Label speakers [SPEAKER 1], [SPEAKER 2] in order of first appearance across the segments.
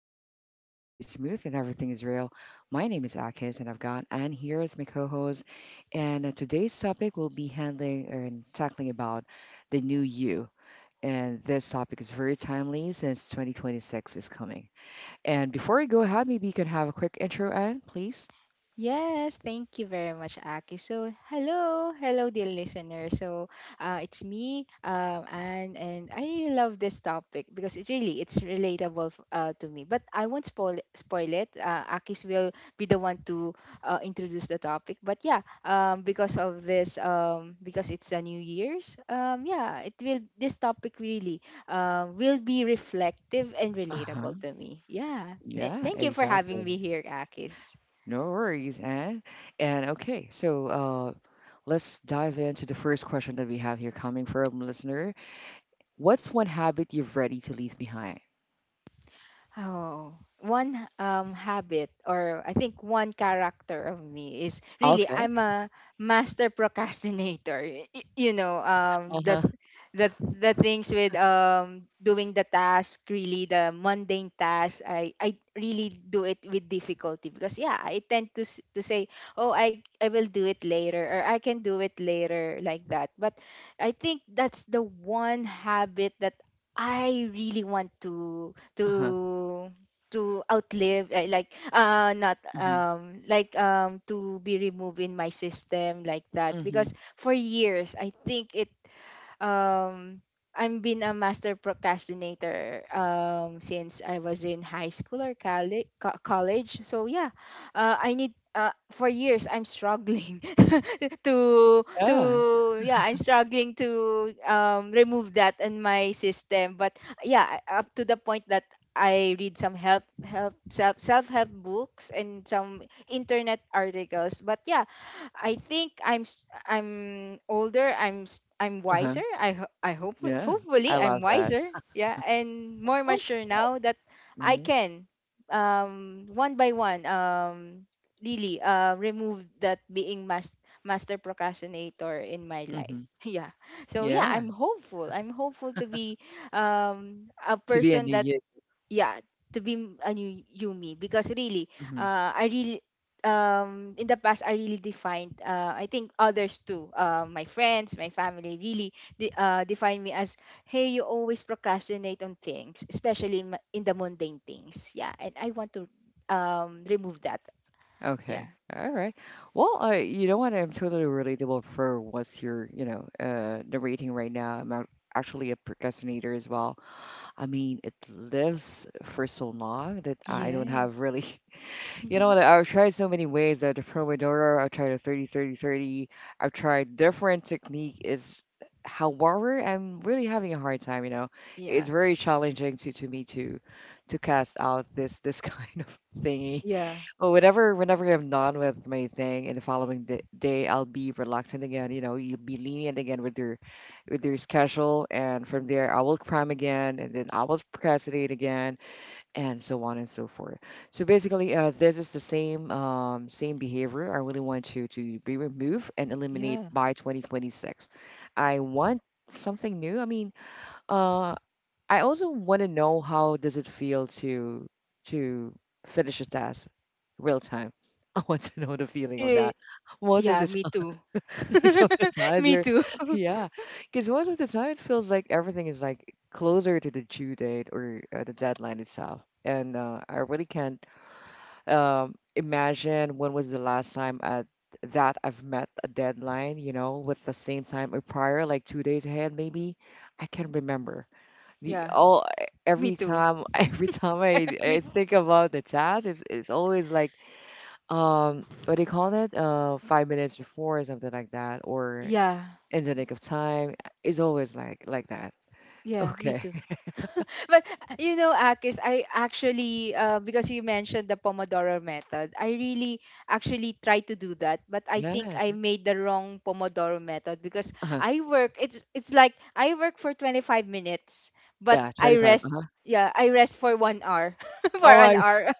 [SPEAKER 1] flow easy and the vibes stay smooth and everything is real. My name is Akis and I've got Anne here as my co-host. And today's topic will be handling and tackling about the new you. And this topic is very timely since 2026 is coming. And before we go ahead, maybe you can have a quick intro, Anne, please.
[SPEAKER 2] Yes, thank you very much, Aki. So, hello, hello, dear listener. So, it's me, and I really love this topic because it's relatable to me. But I won't spoil it. Akis will be the one to introduce the topic. But yeah, because it's a New Year's, yeah, it will this topic really will be reflective and
[SPEAKER 1] Uh huh.
[SPEAKER 2] relatable to me. Yeah,
[SPEAKER 1] Yeah,
[SPEAKER 2] thank you for having me
[SPEAKER 1] exactly.
[SPEAKER 2] here, Akis.
[SPEAKER 1] No worries, and okay, so let's dive into the first question that we have here coming from a listener. What's one habit you're ready to leave behind?
[SPEAKER 2] Oh, one habit, or I think one character of me is really
[SPEAKER 1] Okay.
[SPEAKER 2] I'm a master procrastinator. You know,
[SPEAKER 1] Uh-huh.
[SPEAKER 2] the the things with doing the task, really the mundane task, I really do it with difficulty, because, yeah, I tend to say, "Oh, I will do it later," or "I can do it later," like that. But I think that's the one habit that I really want to
[SPEAKER 1] Uh-huh.
[SPEAKER 2] to outlive, like, not,
[SPEAKER 1] hmm
[SPEAKER 2] like, to be removed in my system, like that,
[SPEAKER 1] hmm
[SPEAKER 2] because for years I think it um I've been a master procrastinator since I was in high school or college. So yeah, I need for years I'm struggling to
[SPEAKER 1] Yeah.
[SPEAKER 2] yeah, I'm struggling to remove that in my system. But yeah, up to the point that I read some help help self self-help books and some internet articles. But yeah, I think I'm older, I'm
[SPEAKER 1] Uh-huh.
[SPEAKER 2] wiser. I ho- I hope
[SPEAKER 1] Yeah,
[SPEAKER 2] Hopefully
[SPEAKER 1] I
[SPEAKER 2] I'm
[SPEAKER 1] love that.
[SPEAKER 2] wiser. Yeah, and more
[SPEAKER 1] Oh,
[SPEAKER 2] mature
[SPEAKER 1] yeah.
[SPEAKER 2] now that I
[SPEAKER 1] Mm-hmm.
[SPEAKER 2] can, one by one, really, remove that being master procrastinator in my life.
[SPEAKER 1] hmm
[SPEAKER 2] Yeah. So yeah,
[SPEAKER 1] Yeah.
[SPEAKER 2] I'm hopeful. I'm hopeful to be a
[SPEAKER 1] To be a
[SPEAKER 2] person
[SPEAKER 1] new
[SPEAKER 2] that
[SPEAKER 1] you.
[SPEAKER 2] yeah to be a new you me, because really,
[SPEAKER 1] Hmm
[SPEAKER 2] I really in the past, I really defined I think others too, my friends, my family really define me as, "Hey, you always procrastinate on things, especially in, in the mundane things," yeah, and I want to remove that. Yeah.
[SPEAKER 1] Okay. All right. Well, I you know what? I'm totally relatable for what's your narrating right now. Actually a procrastinator as well. I mean, it lives for so long that I don't
[SPEAKER 2] Yes.
[SPEAKER 1] have really, you know, I've tried so many ways. The Pomodoro, I've tried a 30, 30, 30. I've tried different technique. Is however, I'm really having a hard time. You know, it's
[SPEAKER 2] Yeah,
[SPEAKER 1] very challenging to me to cast out this kind of thingy.
[SPEAKER 2] yeah,
[SPEAKER 1] But whenever I'm done with my thing and the following day, I'll be relaxing again. You know, you'll be lenient again with your schedule, and from there, I will cram again, and then I will procrastinate again, and so on and so forth. So basically, this is the same same behavior. I really want to be removed and eliminate
[SPEAKER 2] yeah.
[SPEAKER 1] by 2026. I want something new. I mean, uh, I also want to know how does it feel to to finish a task real time. I want to know the feeling of
[SPEAKER 2] Eh,
[SPEAKER 1] that. Most of
[SPEAKER 2] yeah,
[SPEAKER 1] the
[SPEAKER 2] me
[SPEAKER 1] time,
[SPEAKER 2] too.
[SPEAKER 1] some of the times
[SPEAKER 2] Me
[SPEAKER 1] are,
[SPEAKER 2] too.
[SPEAKER 1] yeah, because most of the time it feels like everything is like closer to the due date or the deadline itself, and I really can't imagine when was the last time at that I've met a deadline, you know, with the same time or prior, like 2 days ahead maybe. I can't remember the
[SPEAKER 2] Yeah,
[SPEAKER 1] all eh,
[SPEAKER 2] me
[SPEAKER 1] every
[SPEAKER 2] too.
[SPEAKER 1] time every time I
[SPEAKER 2] Me.
[SPEAKER 1] think about the task it's always like what do you call it 5 minutes before or something like that or
[SPEAKER 2] Yeah.
[SPEAKER 1] in the nick of time it's always like that.
[SPEAKER 2] Yeah, me
[SPEAKER 1] Okay.
[SPEAKER 2] too. But you know, Akis, I actually because you mentioned the Pomodoro method, I really actually try to do that. But I think
[SPEAKER 1] Yes.
[SPEAKER 2] I made the wrong Pomodoro method because
[SPEAKER 1] Uh-huh.
[SPEAKER 2] I work. It's like I work for 25 minutes, but
[SPEAKER 1] Yeah,
[SPEAKER 2] I
[SPEAKER 1] 25.
[SPEAKER 2] rest.
[SPEAKER 1] Uh-huh.
[SPEAKER 2] Yeah, I rest for 1 hour, for
[SPEAKER 1] Oh
[SPEAKER 2] an
[SPEAKER 1] my.
[SPEAKER 2] hour.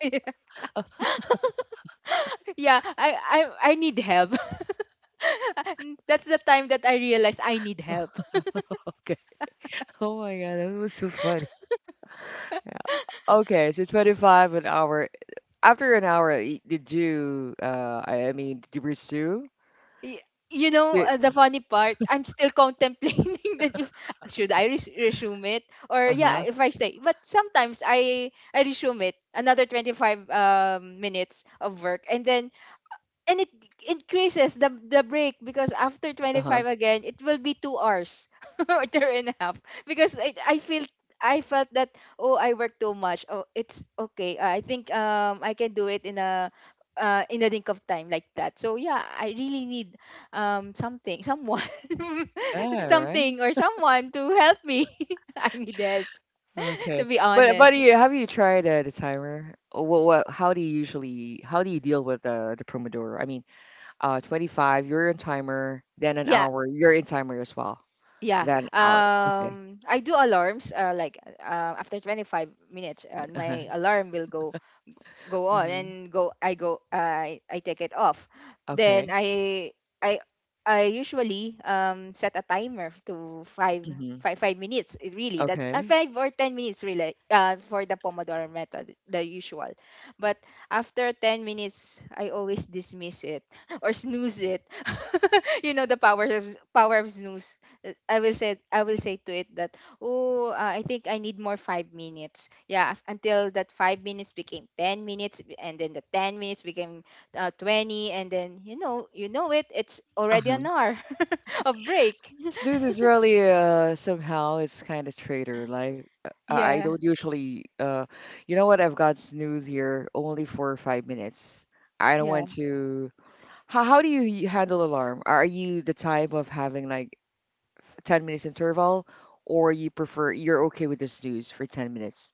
[SPEAKER 2] Yeah, I need help. That's the time that I realized I need help.
[SPEAKER 1] Okay. Oh my god, that was so funny. Yeah. Okay, so 25 an hour. After an hour, did you I mean did you pursue?
[SPEAKER 2] Y- you know,
[SPEAKER 1] Did-
[SPEAKER 2] the funny part, I'm still contemplating that, if should I resume it, or,
[SPEAKER 1] uh-huh.
[SPEAKER 2] yeah, if I stay. But sometimes I resume it another 25 minutes of work, and then and it increases the break because after
[SPEAKER 1] Uh-huh.
[SPEAKER 2] 25 again it will be 2 hours or two and a half, because I feel I felt that, "Oh, I work too much. Oh, it's okay." I think I can do it in a, link of time, like that. So yeah, I really need something someone
[SPEAKER 1] Yeah, right.
[SPEAKER 2] something or someone to help me. I need help, to
[SPEAKER 1] Okay.
[SPEAKER 2] be
[SPEAKER 1] But
[SPEAKER 2] honest.
[SPEAKER 1] you, have you tried the timer? What what how do you usually how do you deal with the Pomodoro? I mean, 25, you're in timer, then an
[SPEAKER 2] Yeah.
[SPEAKER 1] hour, you're in timer as well.
[SPEAKER 2] Yeah.
[SPEAKER 1] Then an hour. Okay.
[SPEAKER 2] I do alarms. Like, after 25 minutes,
[SPEAKER 1] Uh-huh.
[SPEAKER 2] my alarm will go on,
[SPEAKER 1] hmm
[SPEAKER 2] and go I take it off. Then
[SPEAKER 1] Okay.
[SPEAKER 2] I I usually set a timer to five
[SPEAKER 1] hmm
[SPEAKER 2] five five minutes. It really, that's,
[SPEAKER 1] Okay.
[SPEAKER 2] 5 or 10 minutes, really, for the Pomodoro method, the usual. But after 10 minutes I always dismiss it or snooze it. You know, the power of snooze. I will say to it that, "Oh, I think I need more 5 minutes." Yeah, until that 5 minutes became 10 minutes, and then the 10 minutes became, 20, and then, you know it. It's already an
[SPEAKER 1] Uh-huh.
[SPEAKER 2] hour of break.
[SPEAKER 1] Snooze is really somehow it's kind of traitor. Like I
[SPEAKER 2] Yeah,
[SPEAKER 1] don't usually you know what? I've got snooze here only for 5 minutes. I don't
[SPEAKER 2] yeah.
[SPEAKER 1] want to. How do you handle alarm? Are you the type of having like 10 minutes interval or you prefer you're okay with the snooze for 10 minutes?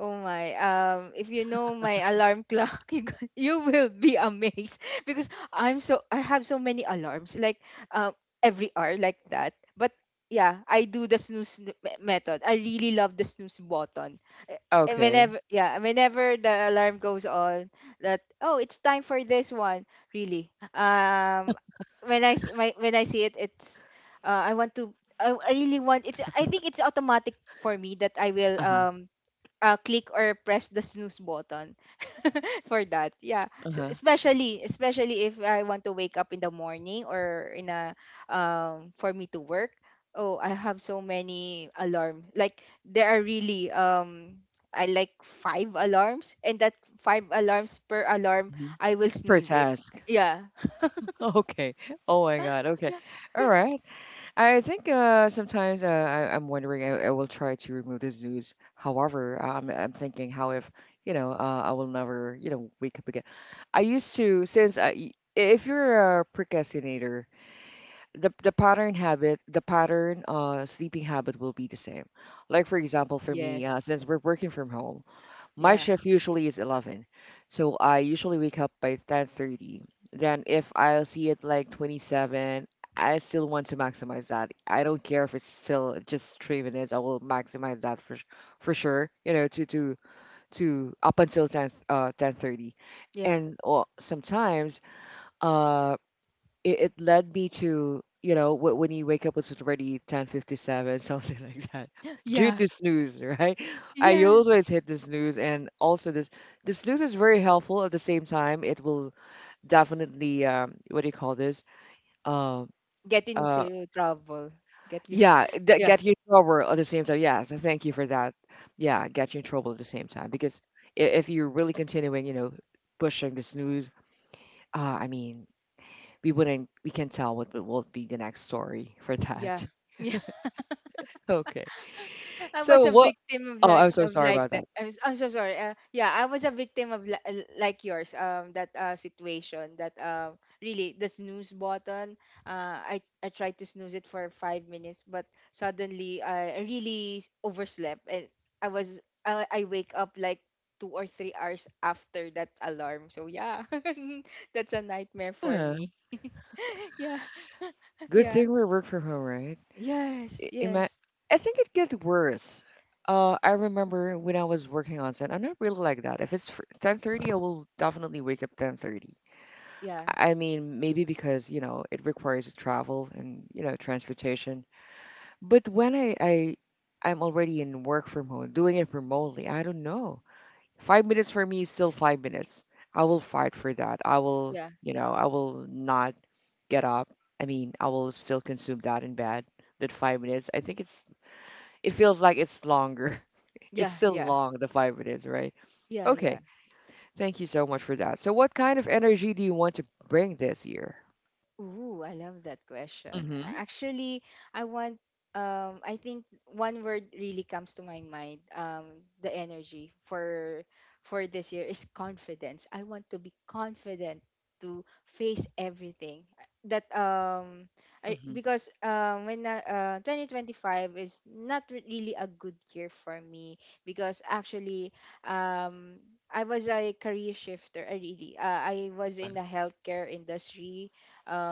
[SPEAKER 2] Oh my. If you know my alarm clock, you will be amazed, because I have so many alarms, like, um every hour, like that. But yeah, I do the snooze method. I really love the snooze button. Eh,
[SPEAKER 1] Okay.
[SPEAKER 2] Whenever the alarm goes on, that, "Oh, it's time for this one." Really. When I see it, it's, I want to I really want it's I think it's automatic for me that I will
[SPEAKER 1] Uh-huh.
[SPEAKER 2] click or press the snooze button for that. Yeah. So
[SPEAKER 1] Uh-huh.
[SPEAKER 2] especially if I want to wake up in the morning, or in a, for me to work. Oh, I have so many alarm. Like, there are really, I like five alarms, and that five alarms per alarm,
[SPEAKER 1] hmm
[SPEAKER 2] I will
[SPEAKER 1] Per
[SPEAKER 2] snooze it.
[SPEAKER 1] task.
[SPEAKER 2] Yeah.
[SPEAKER 1] Okay. Oh my God. Okay. All right. I think sometimes I'm wondering I will try to remove this news. However, I'm thinking how if you know I will never you know wake up again. I used to since I if you're a procrastinator the pattern habit the pattern sleeping habit will be the same. Like for example for me,
[SPEAKER 2] Yes.
[SPEAKER 1] since we're working from home, my
[SPEAKER 2] Yeah.
[SPEAKER 1] shift usually is 11, so I usually wake up by 10:30. Then if I see it like 27, I still want to maximize that. I don't care if it's still just 3 minutes. I will maximize that for sure, you know, to to up until 10 10:30.
[SPEAKER 2] Yeah.
[SPEAKER 1] And or sometimes um it, it led me to you know when you wake up it's already 10:57 something like that due
[SPEAKER 2] Yeah.
[SPEAKER 1] to snooze, right? I
[SPEAKER 2] Yeah.
[SPEAKER 1] always hit the snooze, and also this the snooze is very helpful. At the same time, it will definitely what do you call this? Uh.
[SPEAKER 2] Get
[SPEAKER 1] Uh.
[SPEAKER 2] into trouble. Get you.
[SPEAKER 1] Yeah, that
[SPEAKER 2] Yeah.
[SPEAKER 1] get you in trouble at the same time. Yeah, so thank you for that. Yeah, get you in trouble at the same time because if you're really continuing you know pushing the snooze I mean we wouldn't we can tell what will be the next story for
[SPEAKER 2] Yeah.
[SPEAKER 1] that.
[SPEAKER 2] Yeah.
[SPEAKER 1] Okay.
[SPEAKER 2] I was
[SPEAKER 1] So
[SPEAKER 2] a
[SPEAKER 1] what.
[SPEAKER 2] victim of,
[SPEAKER 1] Oh, I'm so sorry
[SPEAKER 2] like
[SPEAKER 1] about
[SPEAKER 2] that.
[SPEAKER 1] that.
[SPEAKER 2] I'm so sorry. Yeah, I was a victim of, like yours. That situation, that, really, the snooze button. I tried to snooze it for 5 minutes, but suddenly I really overslept, and I was I wake up like 2 or 3 hours after that alarm. So yeah, that's a nightmare for
[SPEAKER 1] Yeah.
[SPEAKER 2] me. Yeah,
[SPEAKER 1] Good
[SPEAKER 2] yeah.
[SPEAKER 1] thing we work from home, right?
[SPEAKER 2] Yes,
[SPEAKER 1] I, ima-
[SPEAKER 2] yes.
[SPEAKER 1] I think it gets worse. I remember when I was working on set, I'm not really like that. If it's 10:30, I will definitely wake up 10:30.
[SPEAKER 2] Yeah,
[SPEAKER 1] I mean, maybe because, you know, it requires travel and, you know, transportation. But when I I'm already in work from home, doing it remotely, I don't know. 5 minutes for me is still 5 minutes. I will fight for that. I will,
[SPEAKER 2] yeah.
[SPEAKER 1] you know, I will not get up. I mean, I will still consume that in bed. That 5 minutes, I think it's, it feels like it's longer. It's
[SPEAKER 2] Yeah,
[SPEAKER 1] still
[SPEAKER 2] yeah.
[SPEAKER 1] long, the 5 minutes, right?
[SPEAKER 2] Yeah,
[SPEAKER 1] Okay.
[SPEAKER 2] yeah.
[SPEAKER 1] Thank you so much for that. So, what kind of energy do you want to bring this year?
[SPEAKER 2] Ooh, I love that question.
[SPEAKER 1] Mm-hmm.
[SPEAKER 2] Actually, I want I think one word really comes to my mind. The energy for this year is confidence. I want to be confident to face everything.
[SPEAKER 1] Mm-hmm.
[SPEAKER 2] Because, 2025 is not really a good year for me, because actually, I was a career shifter, really. I was in the healthcare industry,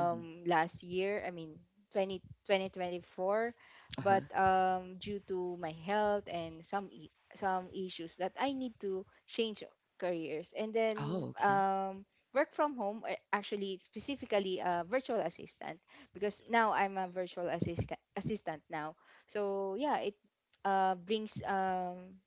[SPEAKER 1] Mm-hmm.
[SPEAKER 2] last year. I mean, 20 twenty twenty four. But,
[SPEAKER 1] Uh-huh.
[SPEAKER 2] due to my health and some issues, that I need to change careers. And
[SPEAKER 1] Oh,
[SPEAKER 2] then,
[SPEAKER 1] okay.
[SPEAKER 2] work from home, actually, specifically, a virtual assistant, because now I'm a virtual assistant now. So yeah, uh, brings um,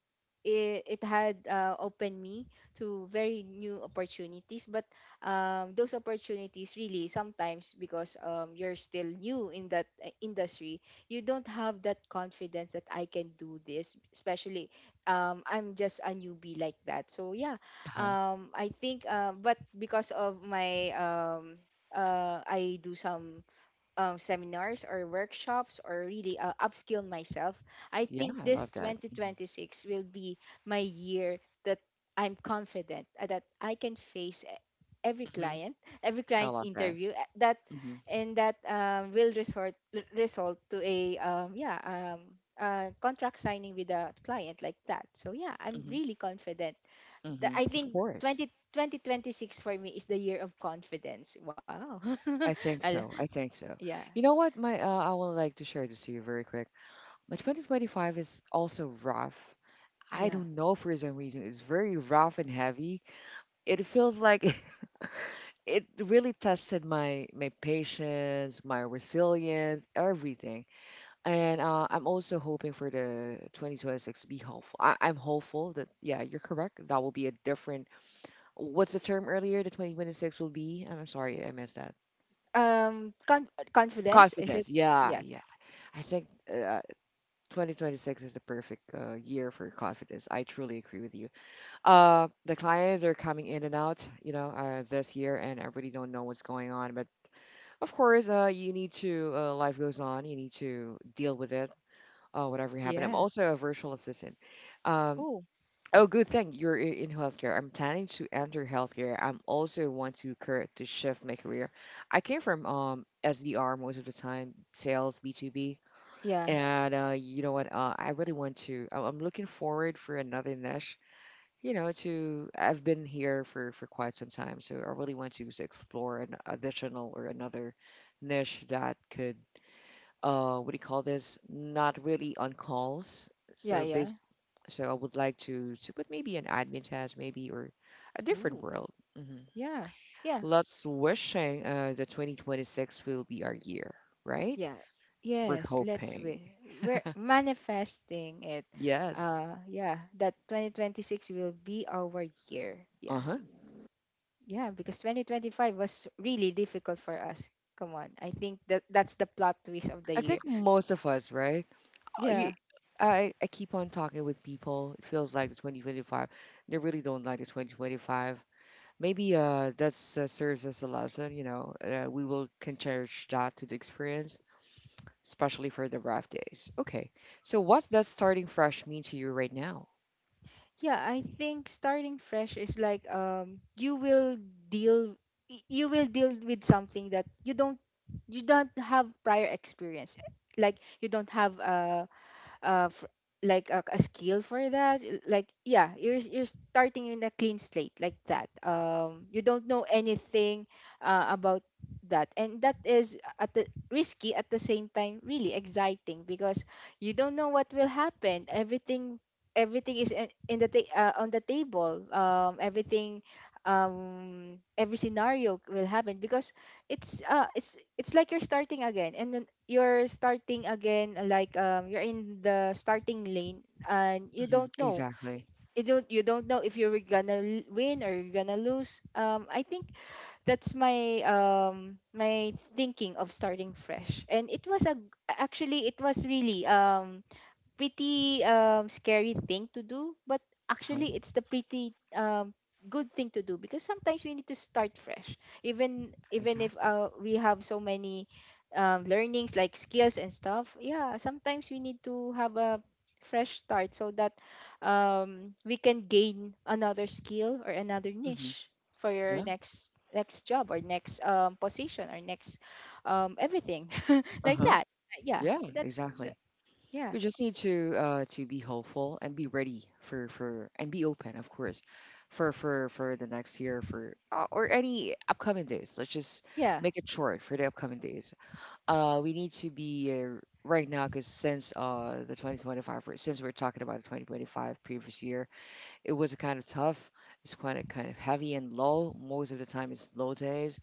[SPEAKER 2] it had opened me to very new opportunities, but, those opportunities, really, sometimes, because, you're still new in that, industry. You don't have that confidence that I can do this, especially, I'm just a newbie, like that. So yeah,
[SPEAKER 1] Uh-huh.
[SPEAKER 2] I think but because of my, I do some, seminars or workshops, or, really, upskill myself. I
[SPEAKER 1] Yeah,
[SPEAKER 2] think
[SPEAKER 1] I love
[SPEAKER 2] this
[SPEAKER 1] that. Mm-hmm.
[SPEAKER 2] 2026 will be my year, that I'm confident, that I can face every
[SPEAKER 1] Mm-hmm.
[SPEAKER 2] client, every
[SPEAKER 1] I
[SPEAKER 2] client
[SPEAKER 1] love that.
[SPEAKER 2] interview, that,
[SPEAKER 1] Mm-hmm.
[SPEAKER 2] and that, will resort result to a, contract signing with a client, like that. So yeah, I'm
[SPEAKER 1] Mm-hmm.
[SPEAKER 2] really confident.
[SPEAKER 1] Mm-hmm.
[SPEAKER 2] I
[SPEAKER 1] Of
[SPEAKER 2] think
[SPEAKER 1] course.
[SPEAKER 2] 20, 2026 for me is the year of confidence. Wow.
[SPEAKER 1] I think
[SPEAKER 2] Ala-
[SPEAKER 1] so. I think so.
[SPEAKER 2] yeah.
[SPEAKER 1] You know what? My I would like to share this to you very quick. My 2025 is also rough. I
[SPEAKER 2] Yeah.
[SPEAKER 1] don't know for some reason. It's very rough and heavy. It feels like it really tested my patience, my resilience, everything. And I'm also hoping for the 2026 to be hopeful. I'm hopeful that yeah, you're correct. That will be a different. What's the term earlier? The 2026 will be. I'm sorry, I missed that.
[SPEAKER 2] Confidence, is it?
[SPEAKER 1] Confidence. Yeah,
[SPEAKER 2] Yeah.
[SPEAKER 1] yeah. I think 2026 is the perfect year for confidence. I truly agree with you. The clients are coming in and out, you know, this year, and I really don't know what's going on. But of course, you need to, life goes on. You need to deal with it, whatever happened. I'm
[SPEAKER 2] Yeah.
[SPEAKER 1] also a virtual assistant. Um,
[SPEAKER 2] Oh,
[SPEAKER 1] oh, good thing you're in healthcare. I'm planning to enter healthcare. I'm also want to shift my career. I came from SDR most of the time, sales, B2B.
[SPEAKER 2] yeah.
[SPEAKER 1] And you know what? I really want to. I'm looking forward for another niche, you know, to I've been here for quite some time, so I really want to explore an additional or another niche that could what do you call this? Not really on calls.
[SPEAKER 2] Yeah,
[SPEAKER 1] So
[SPEAKER 2] yeah.
[SPEAKER 1] base, so I would like to put maybe an admin task maybe or a different
[SPEAKER 2] Ooh.
[SPEAKER 1] world. Hmm
[SPEAKER 2] Yeah. Yeah.
[SPEAKER 1] Let's wishing the 2026 will be our year, right?
[SPEAKER 2] Yeah.
[SPEAKER 1] We're
[SPEAKER 2] Yes, let's
[SPEAKER 1] hoping.
[SPEAKER 2] we we're manifesting it.
[SPEAKER 1] Yes.
[SPEAKER 2] Yeah, that 2026 will be our year. Yeah.
[SPEAKER 1] Uh-huh.
[SPEAKER 2] Yeah, because 2025 was really difficult for us. Come on. I think that that's the plot twist of the
[SPEAKER 1] I
[SPEAKER 2] year.
[SPEAKER 1] think most of us, right? You,
[SPEAKER 2] Yeah.
[SPEAKER 1] I keep on talking with people. It feels like the 2025. They really don't like the 2025. Maybe that serves as a lesson. You know, we will can cherish that to the experience, especially for the rough days. Okay. So what does starting fresh mean to you right now?
[SPEAKER 2] Yeah, I think starting fresh is like, you will deal deal with something that you don't have prior experience. Like, you don't have, uh f- like, a skill for that, like, yeah, you're starting in a clean slate, like that. You don't know anything, about that, and that is at the risky, at the same time really exciting, because you don't know what will happen. Everything, everything is in on the table. Everything, every scenario will happen, because it's like you're starting again, and then you're starting again, like, you're in the starting lane, and you
[SPEAKER 1] Mhm.
[SPEAKER 2] don't know.
[SPEAKER 1] Exactly.
[SPEAKER 2] You don't know if you're gonna win, or you're gonna lose, I think that's my, my thinking of starting fresh. And it was a g- actually it was really, pretty, scary thing to do, but
[SPEAKER 1] Uh-huh.
[SPEAKER 2] actually it's the pretty, good thing to do, because sometimes we need to start fresh. Even if,
[SPEAKER 1] Exactly.
[SPEAKER 2] we have so many, learnings, like skills and stuff. Yeah, sometimes we need to have a fresh start so that, we can gain another skill or another
[SPEAKER 1] Mhm.
[SPEAKER 2] niche for your
[SPEAKER 1] Yeah.
[SPEAKER 2] next job, or next, position, or next, everything
[SPEAKER 1] Uh
[SPEAKER 2] like
[SPEAKER 1] huh.
[SPEAKER 2] that. Yeah,
[SPEAKER 1] Yeah.
[SPEAKER 2] that's
[SPEAKER 1] Exactly.
[SPEAKER 2] yeah.
[SPEAKER 1] We just need to be hopeful and be ready for and be open, of course, for for the next year for or any upcoming days. Let's just
[SPEAKER 2] Yeah.
[SPEAKER 1] make it short for the upcoming days. We need to be right now because since the 2025 since we're talking about the 2025 previous year, it was kind of tough. It's kind of heavy and low. Most of the time, it's low days.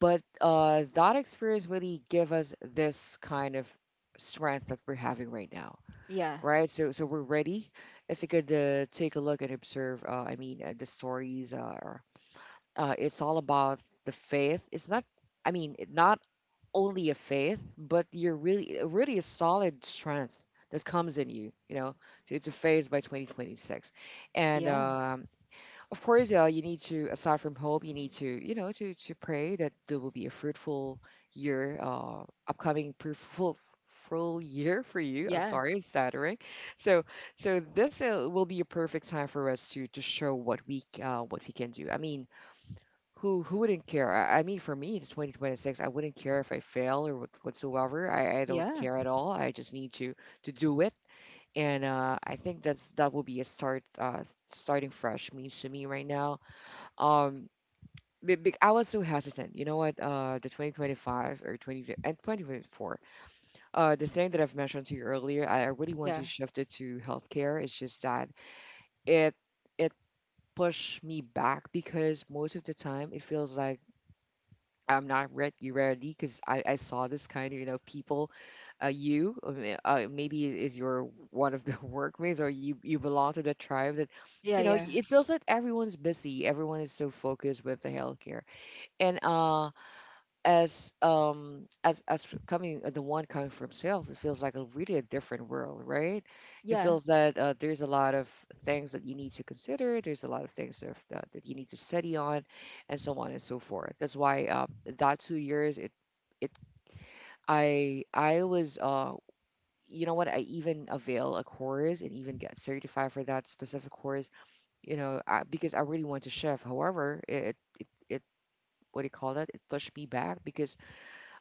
[SPEAKER 1] But that experience really give us this kind of strength that we're having right now,
[SPEAKER 2] Yeah,
[SPEAKER 1] right? So, so we're ready. If you could take a look and observe, I mean, the stories are, it's all about the faith. It's not, I mean, not only a faith, but you're really, really a solid strength that comes in you, you know, to phase by 2026. And
[SPEAKER 2] yeah,
[SPEAKER 1] of course, you need to, aside from hope, you need to, to pray that there will be a fruitful year, upcoming fruitful full year for you. I'm
[SPEAKER 2] yeah,
[SPEAKER 1] sorry, I'm stuttering. So, so this will be a perfect time for us to show what what we can do. I mean, who wouldn't care? I mean, for me, it's 2026. I wouldn't care if I fail or what, whatsoever. I don't
[SPEAKER 2] yeah,
[SPEAKER 1] care at all. I just need to do it. And I think that will be a start, starting fresh means to me right now. um, I was so hesitant. You know what? The 2025 or 20 and 2024. The thing that I've mentioned to you earlier, I really want
[SPEAKER 2] yeah,
[SPEAKER 1] to shift it to healthcare. It's just that it it pushed me back because most of the time it feels like I'm not ready because I saw this kind of you know people, maybe it is your one of the workmates or you belong to the tribe that.
[SPEAKER 2] yeah,
[SPEAKER 1] You know,
[SPEAKER 2] yeah,
[SPEAKER 1] it feels like everyone's busy. Everyone is so focused with the healthcare. And coming the one coming from sales, it feels like a really a different world, right? It
[SPEAKER 2] yeah,
[SPEAKER 1] feels that there's a lot of things that you need to consider. There's a lot of things that you need to study on and so forth. That's why that 2 years it it I was you know what, I even avail a course and even get certified for that specific course. You know, because I really want to shift. However it what do you call that, it pushed me back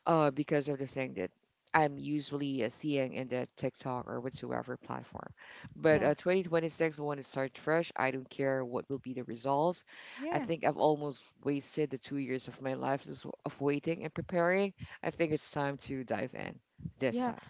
[SPEAKER 1] because of the thing that I'm usually seeing in the TikTok or whatsoever platform. But
[SPEAKER 2] yeah,
[SPEAKER 1] 2026, I want to start fresh. I don't care what will be the results. I
[SPEAKER 2] yeah,
[SPEAKER 1] think I've almost wasted the 2 years of my life just of waiting and preparing. I think it's time to dive in this
[SPEAKER 2] yeah.
[SPEAKER 1] time.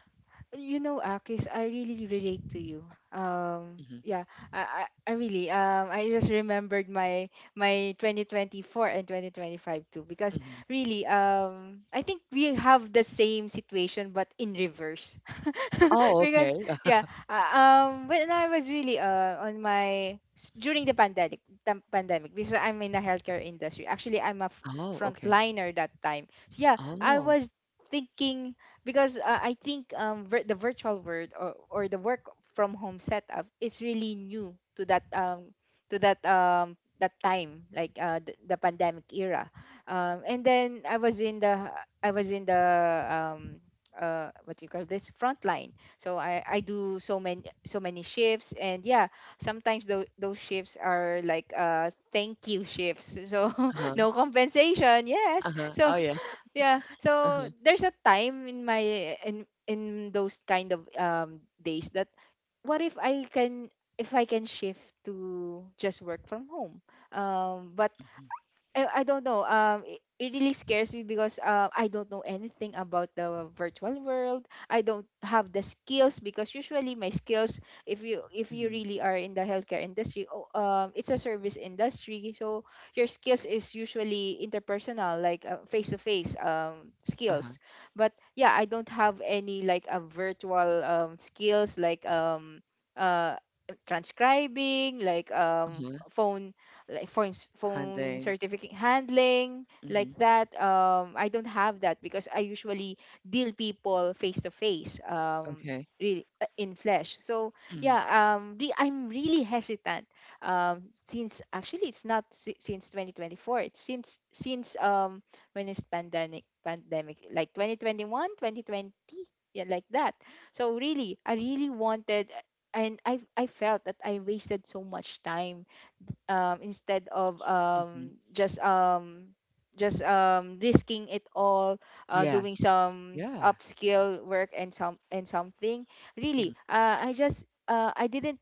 [SPEAKER 2] You know, Akis, I really relate to you. Um,
[SPEAKER 1] hmm
[SPEAKER 2] yeah, I really, I just remembered my 2024 and 2025 too because
[SPEAKER 1] hmm
[SPEAKER 2] really, I think we have the same situation but in reverse.
[SPEAKER 1] Oh, okay.
[SPEAKER 2] because yeah, when I was really during the pandemic because I'm in the healthcare industry. Actually, I'm a
[SPEAKER 1] Oh, okay.
[SPEAKER 2] frontliner that time. So yeah, I
[SPEAKER 1] Oh,
[SPEAKER 2] was thinking because I think the virtual world or the work from home setup is really new to that that time, like the pandemic era. And then I was in the um, what you call this front line. So I do so many shifts, and yeah, sometimes those shifts are like thank you shifts. So
[SPEAKER 1] uh-huh,
[SPEAKER 2] no compensation, yes.
[SPEAKER 1] uh-huh.
[SPEAKER 2] So
[SPEAKER 1] Oh, yeah.
[SPEAKER 2] yeah. So
[SPEAKER 1] Uh-huh.
[SPEAKER 2] there's a time in my in those kind of days that what if I can, if I can shift to just work from home. But I don't know. It really scares me because I don't know anything about the virtual world. I don't have the skills because usually my skills, if you
[SPEAKER 1] Mm-hmm.
[SPEAKER 2] really are in the healthcare industry, oh, it's a service industry. So your skills is usually interpersonal, like face to face
[SPEAKER 1] Uh-huh.
[SPEAKER 2] skills. But yeah, I don't have any like a virtual skills like uh transcribing like
[SPEAKER 1] Uh-huh.
[SPEAKER 2] phone like phone phone
[SPEAKER 1] Hunting.
[SPEAKER 2] certificate handling like
[SPEAKER 1] Mm-hmm.
[SPEAKER 2] that. I don't have that because I usually deal people face to face,
[SPEAKER 1] Okay.
[SPEAKER 2] really in flesh. So yeah, I'm really hesitant, since actually it's not si- since 2024, it's since when is pandemic, like 2021, 2020, yeah, like that. So really, I really wanted, and I felt that I wasted so much time, instead of
[SPEAKER 1] Mm-hmm.
[SPEAKER 2] just risking it all, doing
[SPEAKER 1] Yes.
[SPEAKER 2] some
[SPEAKER 1] Yeah.
[SPEAKER 2] upskill work and something. Really,
[SPEAKER 1] Mhm.
[SPEAKER 2] I didn't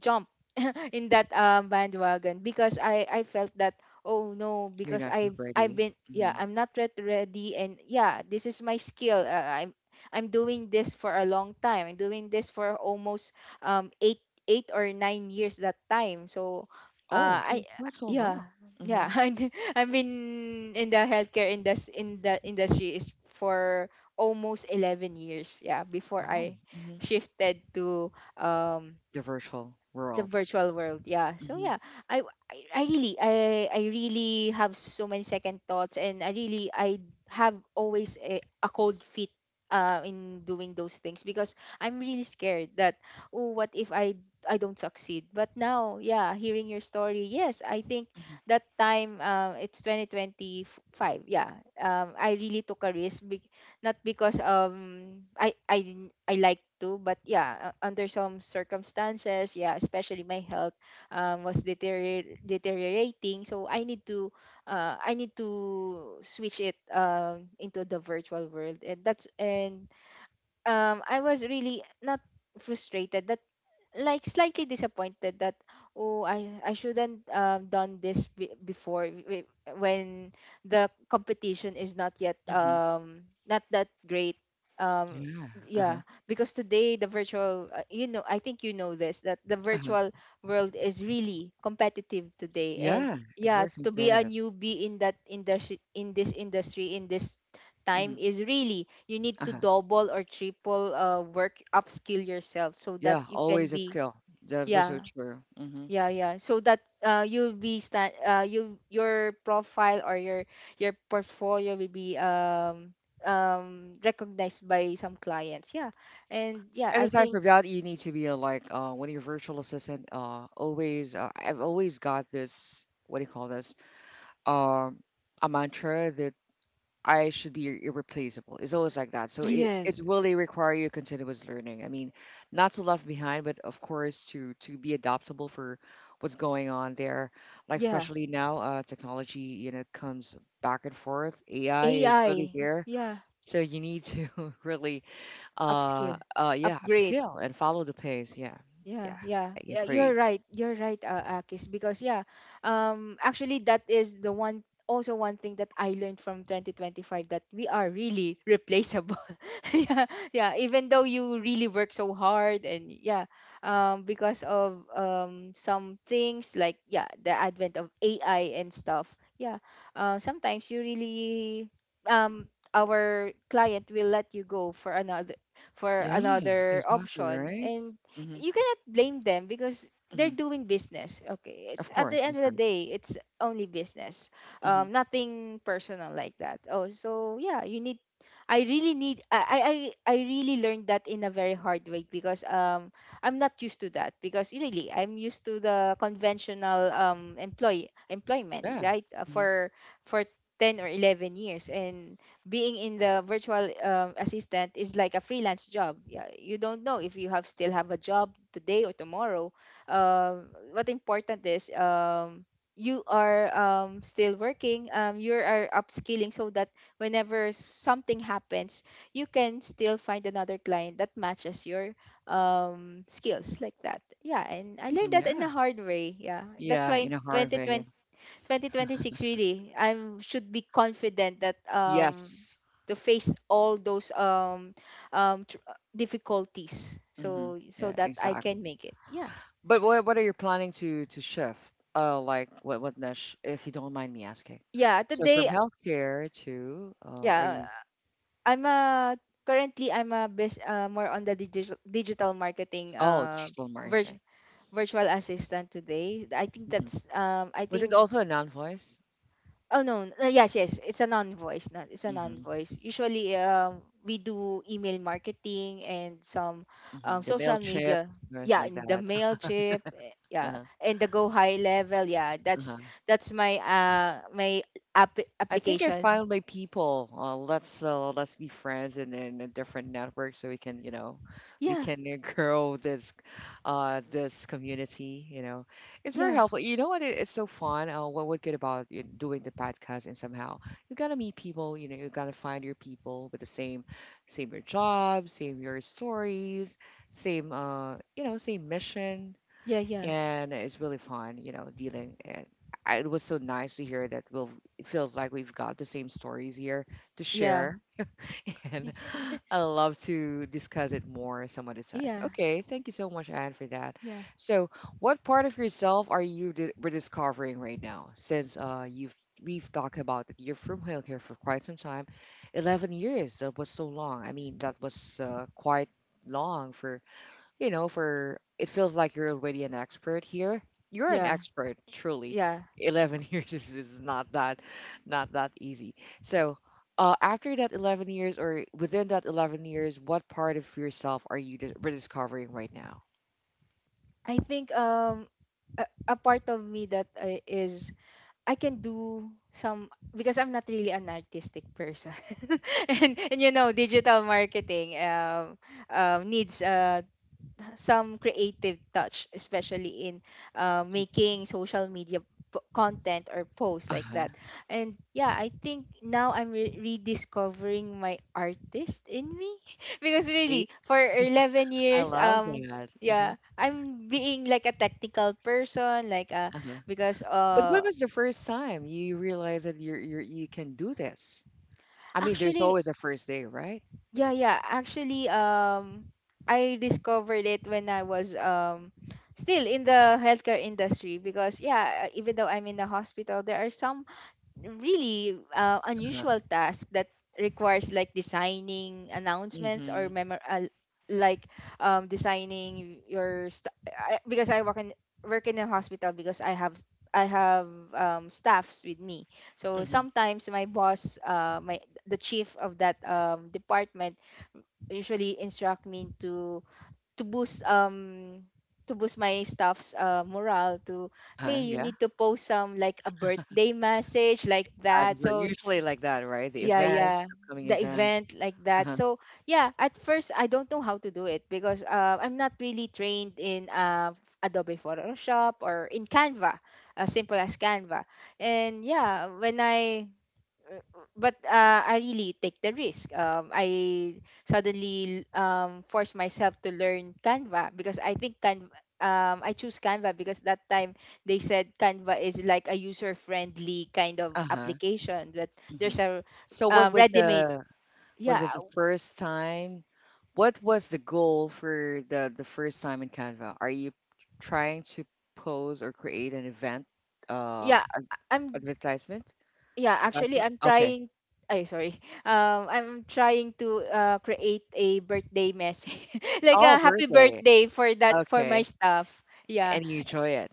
[SPEAKER 2] jump in that bandwagon because I felt that, oh no,
[SPEAKER 1] You're
[SPEAKER 2] because
[SPEAKER 1] not
[SPEAKER 2] I've
[SPEAKER 1] ready.
[SPEAKER 2] been, yeah,
[SPEAKER 1] Mhm.
[SPEAKER 2] I'm not yet ready, and yeah, this is my skill. I'm doing this for a long time. I'm doing this for almost um eight 8 or 9 years that time. So
[SPEAKER 1] Oh, yeah,
[SPEAKER 2] I
[SPEAKER 1] not so long.
[SPEAKER 2] yeah,
[SPEAKER 1] hmm
[SPEAKER 2] yeah. And I've been in the healthcare indus in the industry is for almost 11 years, yeah, before
[SPEAKER 1] Oh,
[SPEAKER 2] I
[SPEAKER 1] hmm
[SPEAKER 2] shifted to um
[SPEAKER 1] the virtual
[SPEAKER 2] the
[SPEAKER 1] world.
[SPEAKER 2] virtual world. Yeah, so
[SPEAKER 1] hmm
[SPEAKER 2] yeah, I, I i really i I really have so many second thoughts, and I have always a cold feet in doing those things because I'm really scared that, oh, what if I don't succeed? But now, yeah, hearing your story, yes, I think
[SPEAKER 1] hmm
[SPEAKER 2] that time, it's 2025, yeah. I really took a risk, not because I didn't- I like to, but yeah, under some circumstances, yeah, especially my health was deteriorating, so I need to switch it into the virtual world, and that's and I was really not frustrated, that like slightly disappointed that, oh, I shouldn't done this before when the competition is not yet,
[SPEAKER 1] hmm
[SPEAKER 2] not that great, um
[SPEAKER 1] Yeah. Uh
[SPEAKER 2] yeah,
[SPEAKER 1] huh.
[SPEAKER 2] because today the virtual, you know, I think you know this, that the
[SPEAKER 1] Uh huh.
[SPEAKER 2] virtual world is really competitive today. And
[SPEAKER 1] Yeah. It's
[SPEAKER 2] yeah,
[SPEAKER 1] very
[SPEAKER 2] to be a
[SPEAKER 1] competitive.
[SPEAKER 2] newbie in that industry, in this industry, in this time,
[SPEAKER 1] hmm
[SPEAKER 2] is really, you need
[SPEAKER 1] Uh
[SPEAKER 2] to
[SPEAKER 1] huh.
[SPEAKER 2] double or triple work, upskill yourself, so that
[SPEAKER 1] Yeah.
[SPEAKER 2] you can
[SPEAKER 1] Always
[SPEAKER 2] be,
[SPEAKER 1] upskill. That was so
[SPEAKER 2] yeah,
[SPEAKER 1] true.
[SPEAKER 2] yeah, yeah. So that you'll be stand you, your profile or your portfolio will be recognized by some clients. Yeah, and yeah,
[SPEAKER 1] And
[SPEAKER 2] I
[SPEAKER 1] aside
[SPEAKER 2] think
[SPEAKER 1] from that, you need to be like when are virtual assistant. Always. I've always got this. What do you call this? Um, a mantra that I should be irreplaceable. It's always like that. So
[SPEAKER 2] yes,
[SPEAKER 1] it's really require you continuous learning. I mean, not to left behind, but of course to be adaptable for what's going on there. Like
[SPEAKER 2] yeah,
[SPEAKER 1] especially now, technology you know comes back and forth. AI is really
[SPEAKER 2] AI,
[SPEAKER 1] there,
[SPEAKER 2] yeah,
[SPEAKER 1] so you need to really
[SPEAKER 2] upskill,
[SPEAKER 1] yeah,
[SPEAKER 2] upgrade.
[SPEAKER 1] upskill and follow the pace. Yeah,
[SPEAKER 2] Yeah,
[SPEAKER 1] yeah,
[SPEAKER 2] yeah,
[SPEAKER 1] I
[SPEAKER 2] yeah. You're
[SPEAKER 1] agree.
[SPEAKER 2] right. You're right, Akis. Because yeah, actually, that is the one. Also, one thing that I learned from 2025, that we are really replaceable. Yeah, yeah. Even though you really work so hard, and yeah, because of some things, like, yeah, the advent of AI and stuff. Yeah, sometimes you really, our client will let you go for
[SPEAKER 1] Yeah,
[SPEAKER 2] another
[SPEAKER 1] exactly
[SPEAKER 2] option.
[SPEAKER 1] right.
[SPEAKER 2] And
[SPEAKER 1] Mm-hmm,
[SPEAKER 2] you cannot blame them because they're
[SPEAKER 1] mm-hmm.
[SPEAKER 2] doing business, okay, it's
[SPEAKER 1] Of
[SPEAKER 2] at the
[SPEAKER 1] course,
[SPEAKER 2] end of
[SPEAKER 1] of
[SPEAKER 2] the
[SPEAKER 1] course.
[SPEAKER 2] day, it's only business,
[SPEAKER 1] Mm-hmm.
[SPEAKER 2] nothing personal like that. Oh, so yeah, you need I really learned that in a very hard way because, I'm not used to that because really, I'm used to the conventional employment,
[SPEAKER 1] Yeah.
[SPEAKER 2] right?
[SPEAKER 1] Mm-hmm.
[SPEAKER 2] For 10 or 11 years. And being in the virtual assistant is like a freelance job. Yeah, you don't know if you have still have a job today or tomorrow. What important is, you are, still working. You are upskilling so that whenever something happens, you can still find another client that matches your skills like that. Yeah, and I learned that in
[SPEAKER 1] Yeah.
[SPEAKER 2] a hard way. Yeah, that's
[SPEAKER 1] Yeah,
[SPEAKER 2] why
[SPEAKER 1] in
[SPEAKER 2] in
[SPEAKER 1] a hard way.
[SPEAKER 2] 2020 2026, really, I'm should be confident that,
[SPEAKER 1] Yes.
[SPEAKER 2] to face all those, difficulties,
[SPEAKER 1] Mm-hmm.
[SPEAKER 2] so so
[SPEAKER 1] Yeah,
[SPEAKER 2] that I can
[SPEAKER 1] exactly.
[SPEAKER 2] make it. Yeah,
[SPEAKER 1] But what are you planning to shift? Like what niche, if you don't mind me asking.
[SPEAKER 2] yeah,
[SPEAKER 1] So from
[SPEAKER 2] today.
[SPEAKER 1] healthcare to are
[SPEAKER 2] Yeah,
[SPEAKER 1] you?
[SPEAKER 2] I'm a currently I'm a best more on the digital marketing,
[SPEAKER 1] Oh, digital marketing.
[SPEAKER 2] vir- virtual assistant today. I think
[SPEAKER 1] hmm
[SPEAKER 2] that's I
[SPEAKER 1] Was it
[SPEAKER 2] think.
[SPEAKER 1] also a non-voice?
[SPEAKER 2] Oh no, yes, it's a non-voice. Not It's a
[SPEAKER 1] Mm-hmm.
[SPEAKER 2] non-voice. Usually, we do email marketing and some
[SPEAKER 1] Mm-hmm. The
[SPEAKER 2] social
[SPEAKER 1] Mailchimp,
[SPEAKER 2] media.
[SPEAKER 1] words
[SPEAKER 2] Yeah,
[SPEAKER 1] like
[SPEAKER 2] in the
[SPEAKER 1] that.
[SPEAKER 2] Mailchimp. Eh, yeah, and the Go High level. Yeah,
[SPEAKER 1] Uh-huh.
[SPEAKER 2] that's my
[SPEAKER 1] I think I
[SPEAKER 2] application.
[SPEAKER 1] found my people. Let's let's be friends and in a different network so we can, you know, we
[SPEAKER 2] Yeah,
[SPEAKER 1] can grow this this community, you know. It's very
[SPEAKER 2] yeah,
[SPEAKER 1] helpful. You know what? It's so fun. What good about you doing the podcast and somehow you gotta meet people, you know, you gotta find your people with the same same your job, same your stories, same you know, same mission,
[SPEAKER 2] yeah, yeah,
[SPEAKER 1] and it's really fun, you know, dealing. And it was so nice to hear that we'll. It feels like we've got the same stories here to
[SPEAKER 2] yeah,
[SPEAKER 1] share, and I love to discuss it more some other time.
[SPEAKER 2] yeah,
[SPEAKER 1] Okay, thank you so much, Anne, for that.
[SPEAKER 2] yeah,
[SPEAKER 1] So, what part of yourself are rediscovering right now? Since you've we've talked about that you're from healthcare for quite some time, 11 years. That was so long. I mean, that was quite long for you know, for it feels like you're already an expert here. You're an
[SPEAKER 2] yeah,
[SPEAKER 1] expert, truly.
[SPEAKER 2] yeah.
[SPEAKER 1] 11 years is not that not that easy. So, after that 11 years or within that 11 years, what part of yourself are rediscovering right now?
[SPEAKER 2] I think a part of me that I can do some, because I'm not really an artistic person, and you know, digital marketing, needs some creative touch, especially in making social media content or posts like
[SPEAKER 1] Uh-huh.
[SPEAKER 2] that. And yeah, I think now I'm rediscovering my artist in me, because
[SPEAKER 1] See,
[SPEAKER 2] really, for 11
[SPEAKER 1] I
[SPEAKER 2] years,
[SPEAKER 1] love that.
[SPEAKER 2] yeah, I'm being like a technical person, like
[SPEAKER 1] Uh-huh.
[SPEAKER 2] because
[SPEAKER 1] But when was the first time you realized that you're you can do this? I mean, there's
[SPEAKER 2] actually
[SPEAKER 1] always a first day, right?
[SPEAKER 2] yeah, yeah. Actually, I discovered it when I was, still in the healthcare industry, because yeah, even though I'm in the hospital, there are some really
[SPEAKER 1] Uh-huh.
[SPEAKER 2] unusual tasks that requires like designing announcements or
[SPEAKER 1] Mm-hmm.
[SPEAKER 2] memo, like designing your because I work in work in a hospital because I have staffs with me. So
[SPEAKER 1] Mm-hmm.
[SPEAKER 2] sometimes my boss, my the chief of that department usually instruct me to to boost um to boost my staff's morale to,
[SPEAKER 1] Uh-huh.
[SPEAKER 2] hey, you
[SPEAKER 1] Yeah.
[SPEAKER 2] need to post some like a birthday message, like
[SPEAKER 1] God,
[SPEAKER 2] that.
[SPEAKER 1] we're
[SPEAKER 2] So
[SPEAKER 1] usually like that, right? The
[SPEAKER 2] yeah,
[SPEAKER 1] event,
[SPEAKER 2] yeah,
[SPEAKER 1] upcoming
[SPEAKER 2] the
[SPEAKER 1] event.
[SPEAKER 2] event like that.
[SPEAKER 1] Uh-huh.
[SPEAKER 2] So yeah, at first, I don't know how to do it because, I'm not really trained in, Adobe Photoshop or in Canva, as simple as Canva. And yeah, when I but I really take the risk. I suddenly force myself to learn Canva, because I think Canva. I choose Canva because that time, they said Canva is like a user-friendly kind of
[SPEAKER 1] Uh-huh.
[SPEAKER 2] application, that
[SPEAKER 1] hmm
[SPEAKER 2] there's a,
[SPEAKER 1] So
[SPEAKER 2] ready-made.
[SPEAKER 1] what
[SPEAKER 2] Yeah,
[SPEAKER 1] was the first time? What was the goal for the first time in Canva? Are you trying to pose or create an event uh
[SPEAKER 2] yeah.
[SPEAKER 1] ad-
[SPEAKER 2] I'm
[SPEAKER 1] advertisement?
[SPEAKER 2] Yeah.
[SPEAKER 1] Is that
[SPEAKER 2] Actually,
[SPEAKER 1] so?
[SPEAKER 2] I'm
[SPEAKER 1] Okay.
[SPEAKER 2] trying. Ay, sorry. I'm trying to create a birthday message, like
[SPEAKER 1] Oh,
[SPEAKER 2] a happy
[SPEAKER 1] birthday.
[SPEAKER 2] birthday for that, for my
[SPEAKER 1] Okay.
[SPEAKER 2] staff. Yeah.
[SPEAKER 1] And you enjoy it.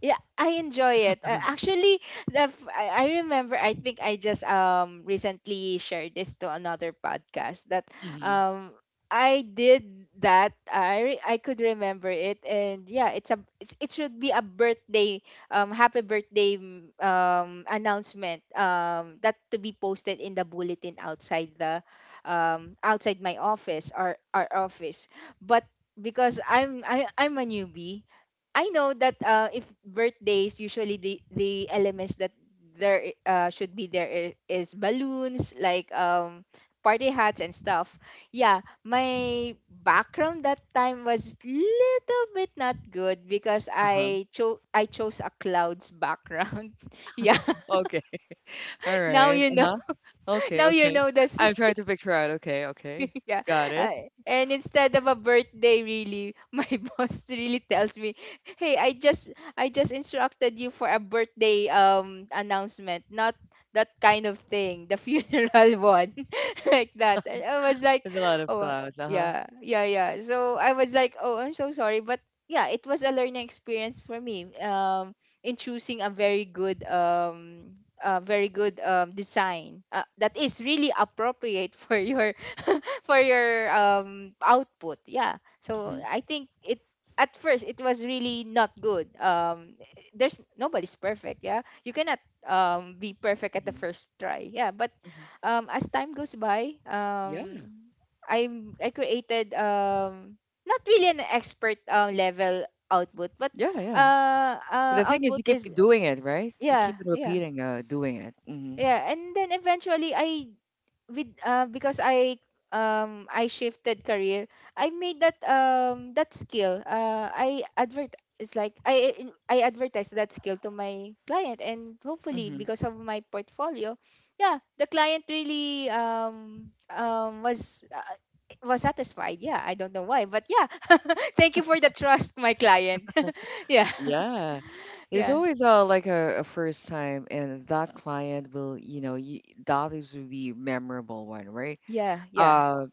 [SPEAKER 2] Yeah, I enjoy it.
[SPEAKER 1] Uh-huh,
[SPEAKER 2] Actually, I remember. I think I just recently shared this to another podcast that
[SPEAKER 1] Mm-hmm.
[SPEAKER 2] um I did that. I could remember it. And yeah, it's a it should be a birthday, happy birthday, announcement, that to be posted in the bulletin outside the, outside my office or our office. But because I'm a newbie, I know that, if birthdays, usually the elements that there, should be there, is balloons, like, party hats and stuff. Yeah, my background that time was little bit not good, because
[SPEAKER 1] Uh-huh.
[SPEAKER 2] I chose a clouds background. Yeah,
[SPEAKER 1] Okay. All
[SPEAKER 2] now
[SPEAKER 1] right.
[SPEAKER 2] you know.
[SPEAKER 1] Uh-huh. Okay,
[SPEAKER 2] Now you
[SPEAKER 1] okay.
[SPEAKER 2] know this.
[SPEAKER 1] I'm trying to picture out. Okay, okay.
[SPEAKER 2] Yeah.
[SPEAKER 1] Got it.
[SPEAKER 2] And instead of a birthday really, my boss really tells me, "Hey, I just instructed you for a birthday announcement, not that kind of thing, the funeral one." Like that. I was like,
[SPEAKER 1] With a lot of
[SPEAKER 2] "Oh,
[SPEAKER 1] clouds, uh-huh.
[SPEAKER 2] yeah. Yeah, yeah." So I was like, "Oh, I'm so sorry, but yeah, it was a learning experience for me in choosing a very good design that is really appropriate for your for your output. Yeah, so
[SPEAKER 1] Mhm,
[SPEAKER 2] I think it at first it was really not good. There's nobody's perfect. Yeah, you cannot be perfect at the
[SPEAKER 1] mhm,
[SPEAKER 2] first try, yeah. But
[SPEAKER 1] mhm.
[SPEAKER 2] as time goes by,
[SPEAKER 1] Yeah,
[SPEAKER 2] i I created, not really an expert level output, but
[SPEAKER 1] yeah, yeah.
[SPEAKER 2] uh,
[SPEAKER 1] The thing is,
[SPEAKER 2] output
[SPEAKER 1] you keep
[SPEAKER 2] is
[SPEAKER 1] doing it, right? You keep
[SPEAKER 2] yeah.
[SPEAKER 1] on
[SPEAKER 2] Yeah,
[SPEAKER 1] repeating, doing it.
[SPEAKER 2] yeah, and then eventually I, with because I shifted career, I made that that skill. I advert, it's like I I advertised that skill to my client, and hopefully
[SPEAKER 1] Hmm
[SPEAKER 2] because of my portfolio, yeah, the client really was. Was satisfied. Yeah, I don't know why, but yeah, thank you for the trust, my client. Yeah,
[SPEAKER 1] Yeah. There's
[SPEAKER 2] yeah,
[SPEAKER 1] always like a first time, and that client will, you know, that is will be memorable one, right?
[SPEAKER 2] yeah, yeah,
[SPEAKER 1] Uh,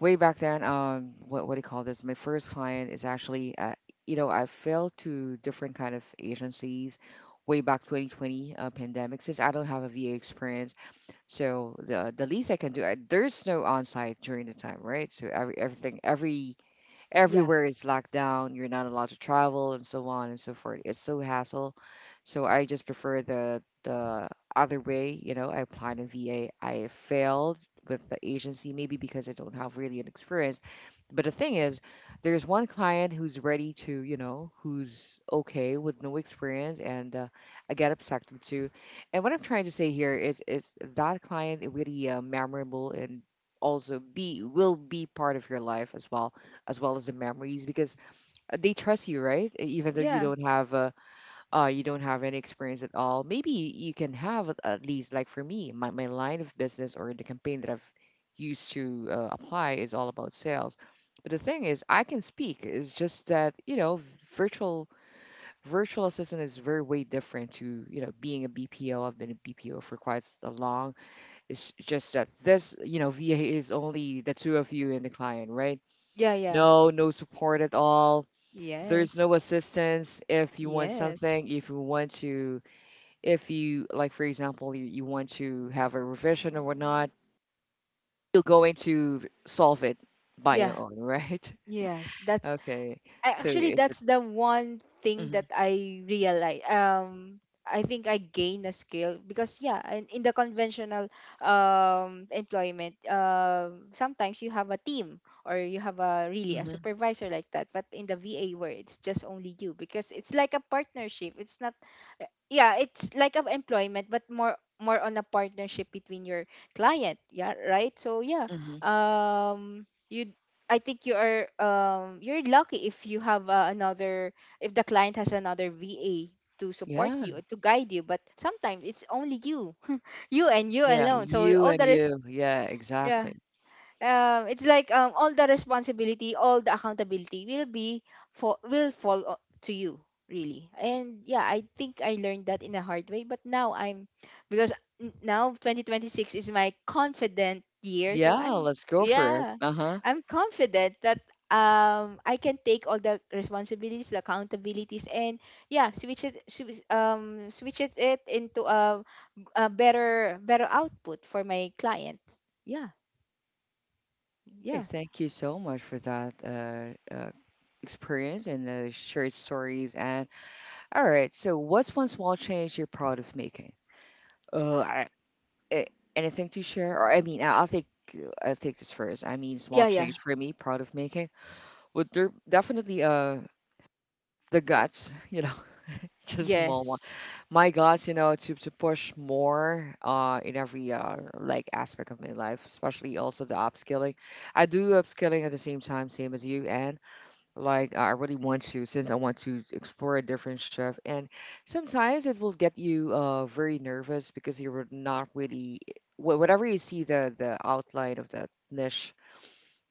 [SPEAKER 1] Way back then, what do you call this? My first client is actually, you know, I failed to different kind of agencies way back 2020 pandemic, since I don't have a VA experience. So the least I can do, there's no on site during the time, right? So every
[SPEAKER 2] yeah,
[SPEAKER 1] everywhere is locked down. You're not allowed to travel and so on and so forth. It's so hassle. So I just prefer the other way. You know, I applied in VA. I failed with the agency maybe because I don't have really an experience. But the thing is, there's one client who's ready to, you know, who's okay with no experience, and I get upset with too. And what I'm trying to say here is that client is really memorable and also be will be part of your life as well as well as the memories because they trust you, right? Even though
[SPEAKER 2] yeah,
[SPEAKER 1] you don't have any experience at all, maybe you can have at least like for me, my line of business or the campaign that I've used to apply is all about sales. But the thing is, I can speak. It's just that you know, virtual virtual assistant is very way different to you know being a BPO. I've been a BPO for a long. It's just that this you know VA is only the two of you and the client, right?
[SPEAKER 2] yeah, yeah,
[SPEAKER 1] No, no support at all. There's
[SPEAKER 2] yes,
[SPEAKER 1] no assistance if you want
[SPEAKER 2] yes,
[SPEAKER 1] something, if you want to, if you, like, for example, you want to have a revision or whatnot, you're going to solve it by
[SPEAKER 2] yeah.
[SPEAKER 1] your own, right?
[SPEAKER 2] Yes, that's
[SPEAKER 1] Okay.
[SPEAKER 2] I
[SPEAKER 1] So
[SPEAKER 2] actually,
[SPEAKER 1] is it?
[SPEAKER 2] that's the one thing that
[SPEAKER 1] hmm
[SPEAKER 2] I realize. I think I gain a skill because yeah, in the conventional employment, sometimes you have a team or you have a really a
[SPEAKER 1] hmm
[SPEAKER 2] supervisor like that. But in the VA, where it's just only you, because it's like a partnership. It's not yeah, it's like of employment, but more on a partnership between your client. Yeah, right. So yeah,
[SPEAKER 1] hmm
[SPEAKER 2] um. you, I think you are you're lucky if you have another, if the client has another VA to support
[SPEAKER 1] Yeah.
[SPEAKER 2] you, to guide you, but sometimes it's only you. You and you
[SPEAKER 1] Yeah.
[SPEAKER 2] alone, so
[SPEAKER 1] You
[SPEAKER 2] all
[SPEAKER 1] and
[SPEAKER 2] the rest,
[SPEAKER 1] you. Yeah,
[SPEAKER 2] yeah,
[SPEAKER 1] exactly.
[SPEAKER 2] it's like, all the responsibility, all the accountability will be for will fall to you really. And yeah, I think I learned that in a hard way. But now I'm, because now 2026 is my confident year, so
[SPEAKER 1] Yeah,
[SPEAKER 2] I'm,
[SPEAKER 1] let's go for it.
[SPEAKER 2] yeah,
[SPEAKER 1] Uh-huh.
[SPEAKER 2] I'm confident that I can take all the responsibilities, the accountabilities, and yeah, switch it, switches it into a better better output for my clients. Yeah,
[SPEAKER 1] Okay,
[SPEAKER 2] yeah.
[SPEAKER 1] thank you so much for that experience and the shared stories. And all right, so what's one small change you're proud of making? Uh, I, eh, anything to share? Or I mean, I'll take this first. I mean, small
[SPEAKER 2] Yeah, yeah.
[SPEAKER 1] change for me, proud of making. Would there definitely the guts, you know, just a small one.
[SPEAKER 2] Yes.
[SPEAKER 1] My guts, you know, to push more in every like aspect of my life, especially also the upskilling. I do upskilling at the same time, same as you, and like, I really want to, since I want to explore a different chef. And sometimes it will get you very nervous because you're not really, whatever you see the outline of that niche,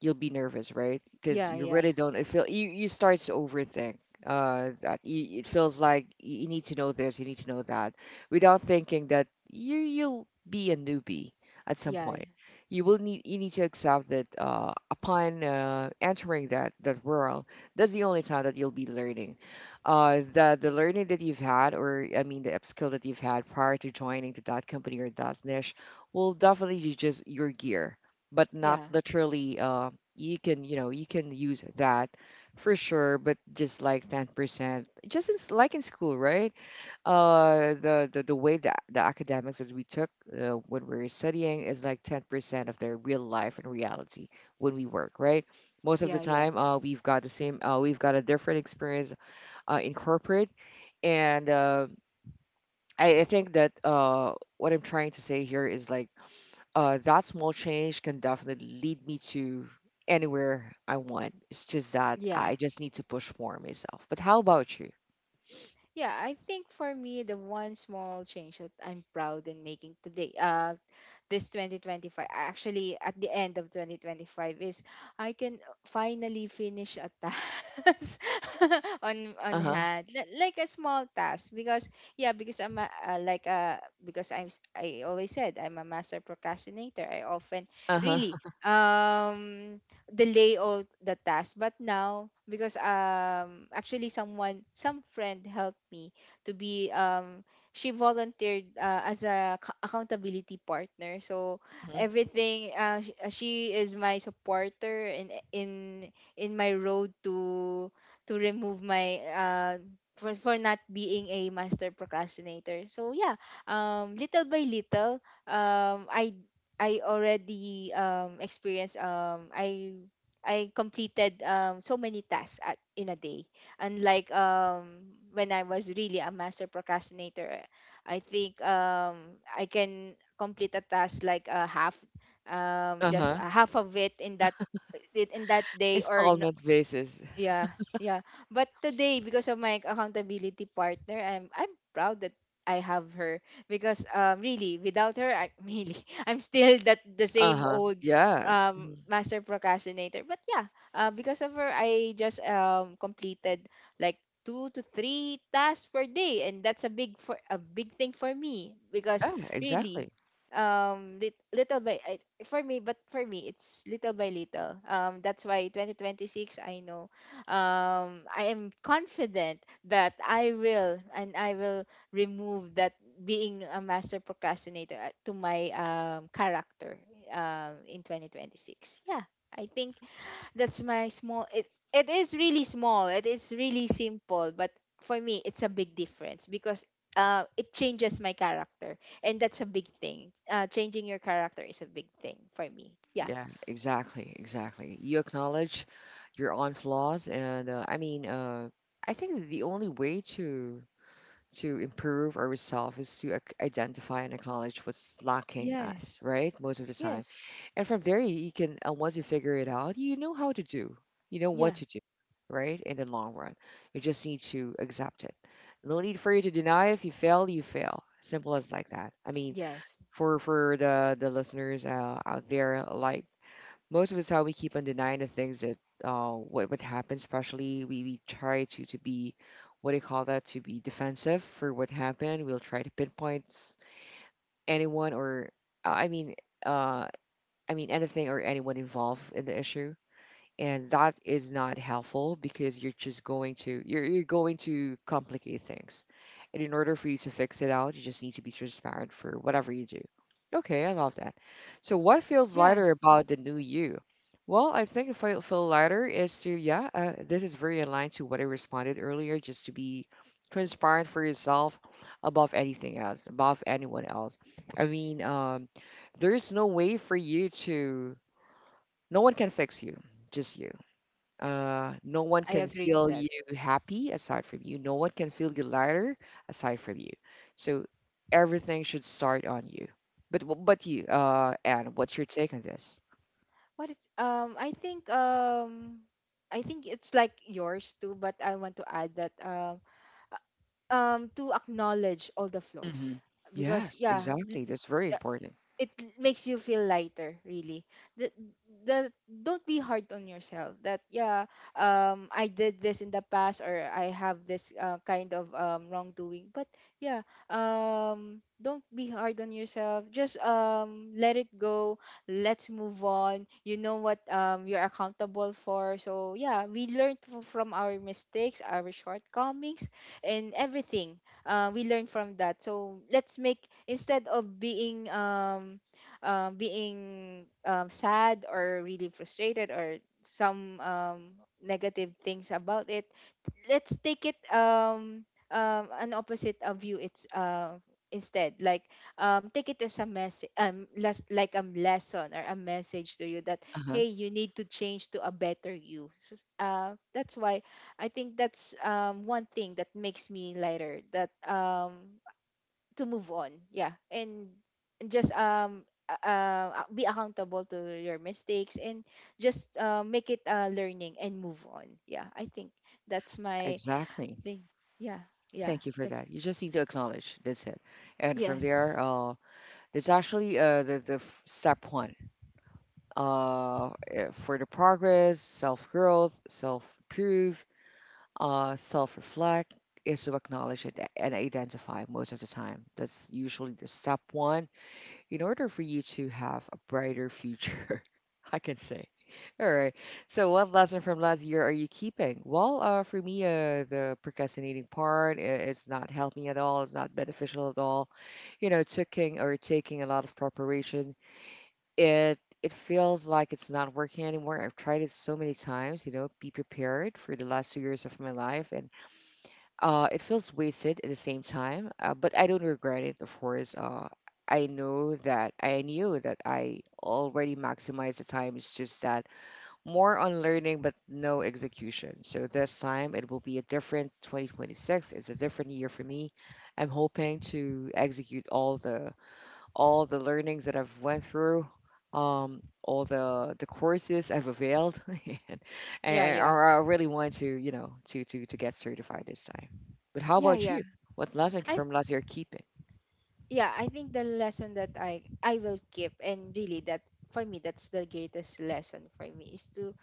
[SPEAKER 1] you'll be nervous, right? Because
[SPEAKER 2] Yeah,
[SPEAKER 1] you
[SPEAKER 2] yeah.
[SPEAKER 1] really don't. It feel you you start to overthink. It feels like you need to know this, you need to know that, without thinking that you'll be a newbie at some
[SPEAKER 2] Yeah.
[SPEAKER 1] point. You need to accept that upon entering that world, that's the only time that you'll be learning. The learning that you've had, or I mean the upskill that you've had prior to joining to that company or that niche, will definitely be just your gear, but not
[SPEAKER 2] Yeah.
[SPEAKER 1] literally. You can use that for sure, but just like 10%, just in, like in school, right? The way that the academics that we took, when we were studying, is like 10% of their real life and reality when we work, right?
[SPEAKER 2] Yeah, yeah.
[SPEAKER 1] Most of the time, we've got the same, we've got a different experience in corporate. And I think that what I'm trying to say here is like, that small change can definitely lead me to anywhere I want. It's just that
[SPEAKER 2] Yeah.
[SPEAKER 1] I just need to push more myself. But how about you?
[SPEAKER 2] Yeah, I think for me the one small change that I'm proud in making today, this 2025, actually at the end of 2025, is I can finally finish a task on
[SPEAKER 1] Uh huh.
[SPEAKER 2] hand. Like a small task, because yeah, because I'm a, like because I always said I'm a master procrastinator. I often
[SPEAKER 1] Uh huh.
[SPEAKER 2] really um delay all the tasks. But now, because actually someone, some friend helped me to be she volunteered as a ac- accountability partner. So
[SPEAKER 1] Mhm.
[SPEAKER 2] everything, she is my supporter in in my road to remove my for not being a master procrastinator. So yeah, little by little, um i I already experienced, I completed so many tasks at, in a day. Unlike when I was really a master procrastinator, I think I can complete a task like a half,
[SPEAKER 1] Uh
[SPEAKER 2] just
[SPEAKER 1] huh.
[SPEAKER 2] a half of it in that day, or
[SPEAKER 1] Installment basis.
[SPEAKER 2] yeah, yeah. But today, because of my accountability partner, I'm proud that I have her, because really without her, I really I'm still that the
[SPEAKER 1] Uh
[SPEAKER 2] same
[SPEAKER 1] huh.
[SPEAKER 2] old
[SPEAKER 1] Yeah. Mhm.
[SPEAKER 2] master procrastinator. But yeah, because of her, I just completed like two to three tasks per day, and that's a big, for a big thing for me, because
[SPEAKER 1] Yeah.
[SPEAKER 2] really
[SPEAKER 1] Exactly.
[SPEAKER 2] little by, for me, but for me it's little by little, that's why 2026, I know, I am confident that I will, and I will remove that being a master procrastinator to my character, in 2026. Yeah, I think that's my small. It is really small. It is really simple, but for me, it's a big difference because. It changes my character, and that's a big thing. Uh, changing your character is a big thing for me, yeah,
[SPEAKER 1] Yeah. Exactly. Exactly. You acknowledge your own flaws, and I mean, I think the only way to improve ourselves is to identify and acknowledge what's lacking us,
[SPEAKER 2] yes,
[SPEAKER 1] right? Most of the time.
[SPEAKER 2] yes,
[SPEAKER 1] And from there, you can, and once you figure it out, you know how to do, you know what
[SPEAKER 2] yeah,
[SPEAKER 1] to do, right? In the long run, you just need to accept it. No need for you to deny. If you fail, you fail. Simple as like that. I mean,
[SPEAKER 2] yes,
[SPEAKER 1] for the listeners out there, like most of the time, we keep on denying the things that what happened. Especially, we try to be, what do you call that? To be defensive for what happened. We'll try to pinpoint, anyone, or uh, I mean uh I mean, anything or anyone involved in the issue, and that is not helpful because you're just you're going to complicate things. And in order for you to fix it out, you just need to be transparent for whatever you do. Okay, I love that. So what feels
[SPEAKER 2] yeah.
[SPEAKER 1] lighter about the new you? Well, I think if I feel lighter is to, yeah, this is very aligned to what I responded earlier, just to be transparent for yourself above anything else, above anyone else. I mean, there is no way for you to, no one can fix you, just you. No one
[SPEAKER 2] I
[SPEAKER 1] can
[SPEAKER 2] agreed with
[SPEAKER 1] feel
[SPEAKER 2] that.
[SPEAKER 1] you happy aside from you. No one can feel you lighter aside from you. So everything should start on you. But, but you, Anne, what's your take on this?
[SPEAKER 2] What is I think it's like yours too, but I want to add that to acknowledge all the
[SPEAKER 1] Hmm.
[SPEAKER 2] flaws because
[SPEAKER 1] Yes,
[SPEAKER 2] yeah,
[SPEAKER 1] exactly. That's very important.
[SPEAKER 2] it makes you feel lighter really. The, the Don't be hard on yourself, that yeah, I did this in the past, or I have this kind of wrongdoing, but yeah, don't be hard on yourself, just let it go. Let's move on. You know what, you're accountable for. So yeah, we learned from our mistakes, our shortcomings, and everything. Uh, we learn from that, so let's make, instead of being being, sad or really frustrated, or some negative things about it, let's take it, an opposite of you, it's instead like, take it as a message, like a lesson or a message to you, that
[SPEAKER 1] Uh-huh.
[SPEAKER 2] hey, you need to change to a better you. So, that's why I think that's, one thing that makes me lighter, that to move on. Yeah, and just be accountable to your mistakes, and just make it learning, and move on. Yeah, I think that's my
[SPEAKER 1] Exactly.
[SPEAKER 2] thing. Yeah, yeah,
[SPEAKER 1] Thank you for
[SPEAKER 2] that's
[SPEAKER 1] that. You just need to acknowledge. That's it. And from there,
[SPEAKER 2] yes.
[SPEAKER 1] that's actually, the, step one, for the progress, self growth, self proof, self-reflect, is to acknowledge it and identify, most of the time. That's usually the step one in order for you to have a brighter future, I can say. All right. So, what lesson from last year are you keeping? Well, for me, the procrastinating part, it's not helping at all. It's not beneficial at all. You know, taking, or taking a lot of preparation, it feels like it's not working anymore. I've tried it so many times. You know, be prepared for the last 2 years of my life, and it feels wasted at the same time, but I don't regret it, of course. I know that I knew that I already maximized the time. It's just that more on learning, but no execution. So this time it will be a different 2026. It's a different year for me. I'm hoping to execute all the learnings that I've went through, all the courses I've availed, and, and
[SPEAKER 2] Yeah,
[SPEAKER 1] I
[SPEAKER 2] yeah,
[SPEAKER 1] I really want to, you know, to get certified this time. But how
[SPEAKER 2] yeah,
[SPEAKER 1] about
[SPEAKER 2] yeah.
[SPEAKER 1] you? What lesson
[SPEAKER 2] I
[SPEAKER 1] from
[SPEAKER 2] th-
[SPEAKER 1] last year keeping?
[SPEAKER 2] yeah, I think the lesson that I will keep, and really that for me that's the greatest lesson for me, is to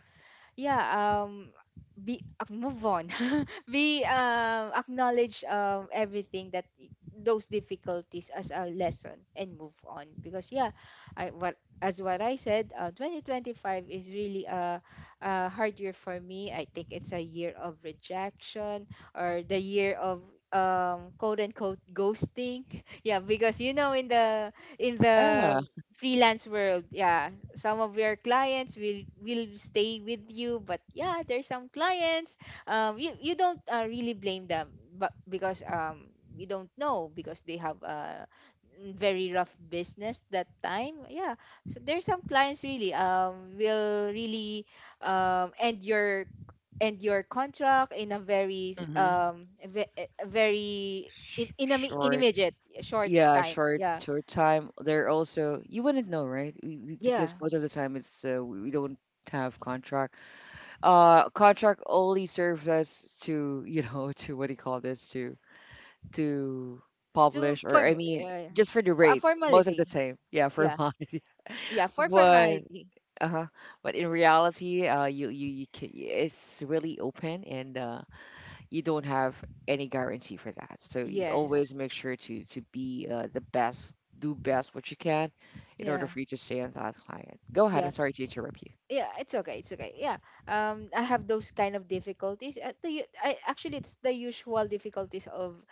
[SPEAKER 2] yeah, be move on. we Acknowledge everything that those difficulties as a lesson, and move on. Because yeah, I, what as what I said, 2025 is really a hard year for me. I think it's a year of rejection, or the year of quote unquote ghosting. Yeah, because you know, in
[SPEAKER 1] Yeah,
[SPEAKER 2] the freelance world, yeah, some of your clients will stay with you, but yeah, there's some clients, you, you don't really blame them, but because you don't know, because they have a mm, very rough business that time, yeah. So there's some clients really will really um end your end your contract in a very
[SPEAKER 1] Mm-hmm.
[SPEAKER 2] a very in
[SPEAKER 1] Short.
[SPEAKER 2] immediate short
[SPEAKER 1] Yeah,
[SPEAKER 2] time,
[SPEAKER 1] short,
[SPEAKER 2] yeah,
[SPEAKER 1] short time. They're also, you wouldn't know, right?
[SPEAKER 2] yeah,
[SPEAKER 1] Because most of the time it's, we don't have contract. Contract only serves us to, to, what do you call this? To
[SPEAKER 2] to
[SPEAKER 1] publish, or
[SPEAKER 2] form,
[SPEAKER 1] I mean,
[SPEAKER 2] yeah, yeah.
[SPEAKER 1] just for the
[SPEAKER 2] A
[SPEAKER 1] rate, most of the
[SPEAKER 2] formality.
[SPEAKER 1] time, yeah, for
[SPEAKER 2] Yeah.
[SPEAKER 1] mine.
[SPEAKER 2] Yeah, for
[SPEAKER 1] But
[SPEAKER 2] formality.
[SPEAKER 1] uh-huh, but in reality, you can, it's really open. And you don't have any guarantee for that, so you always
[SPEAKER 2] Yes.
[SPEAKER 1] make sure to be, the best, do best what you can in order
[SPEAKER 2] Yeah.
[SPEAKER 1] for you to stay on that client. Go ahead, I'm
[SPEAKER 2] Yeah.
[SPEAKER 1] sorry to interrupt you.
[SPEAKER 2] Yeah, it's okay. It's okay. Yeah. I have those kind of difficulties. I, actually it's the usual difficulties of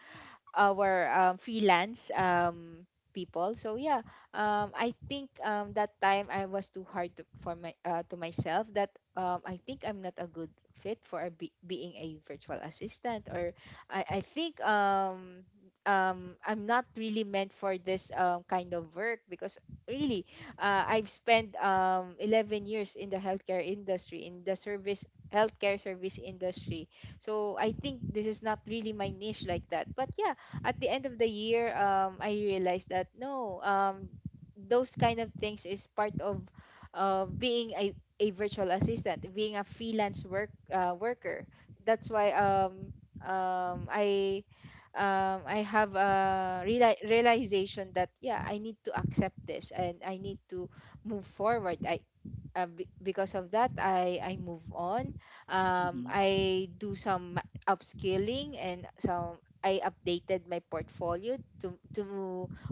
[SPEAKER 2] our freelance people. So yeah, I think that time I was too hard to, for my to myself, that I think I'm not a good fit for a, be, being a virtual assistant, or I think I'm not really meant for this kind of work, because really I've spent 11 years in the healthcare industry, in the service healthcare service industry, so I think this is not really my niche, like that. But yeah, at the end of the year, I realized that no, those kind of things is part of being a virtual assistant, being a freelance work worker. That's why um I I have a realization that yeah, I need to accept this, and I need to move forward. Because of that, I move on.
[SPEAKER 1] Mm-hmm.
[SPEAKER 2] I do some upskilling, and some, I updated my portfolio to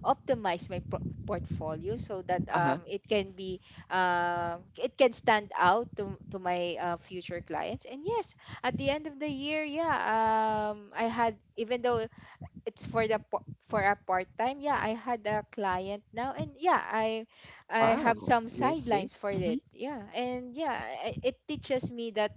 [SPEAKER 2] optimize my portfolio, so that
[SPEAKER 1] Uh-huh.
[SPEAKER 2] it can be it can stand out to my future clients. And yes, at the end of the year, yeah, I had, even though it's for the for a part time, yeah, I had a client now, and yeah, I have
[SPEAKER 1] Wow.
[SPEAKER 2] some
[SPEAKER 1] Yes, see.
[SPEAKER 2] sidelines for
[SPEAKER 1] Mm-hmm.
[SPEAKER 2] it, yeah. And yeah, it teaches me that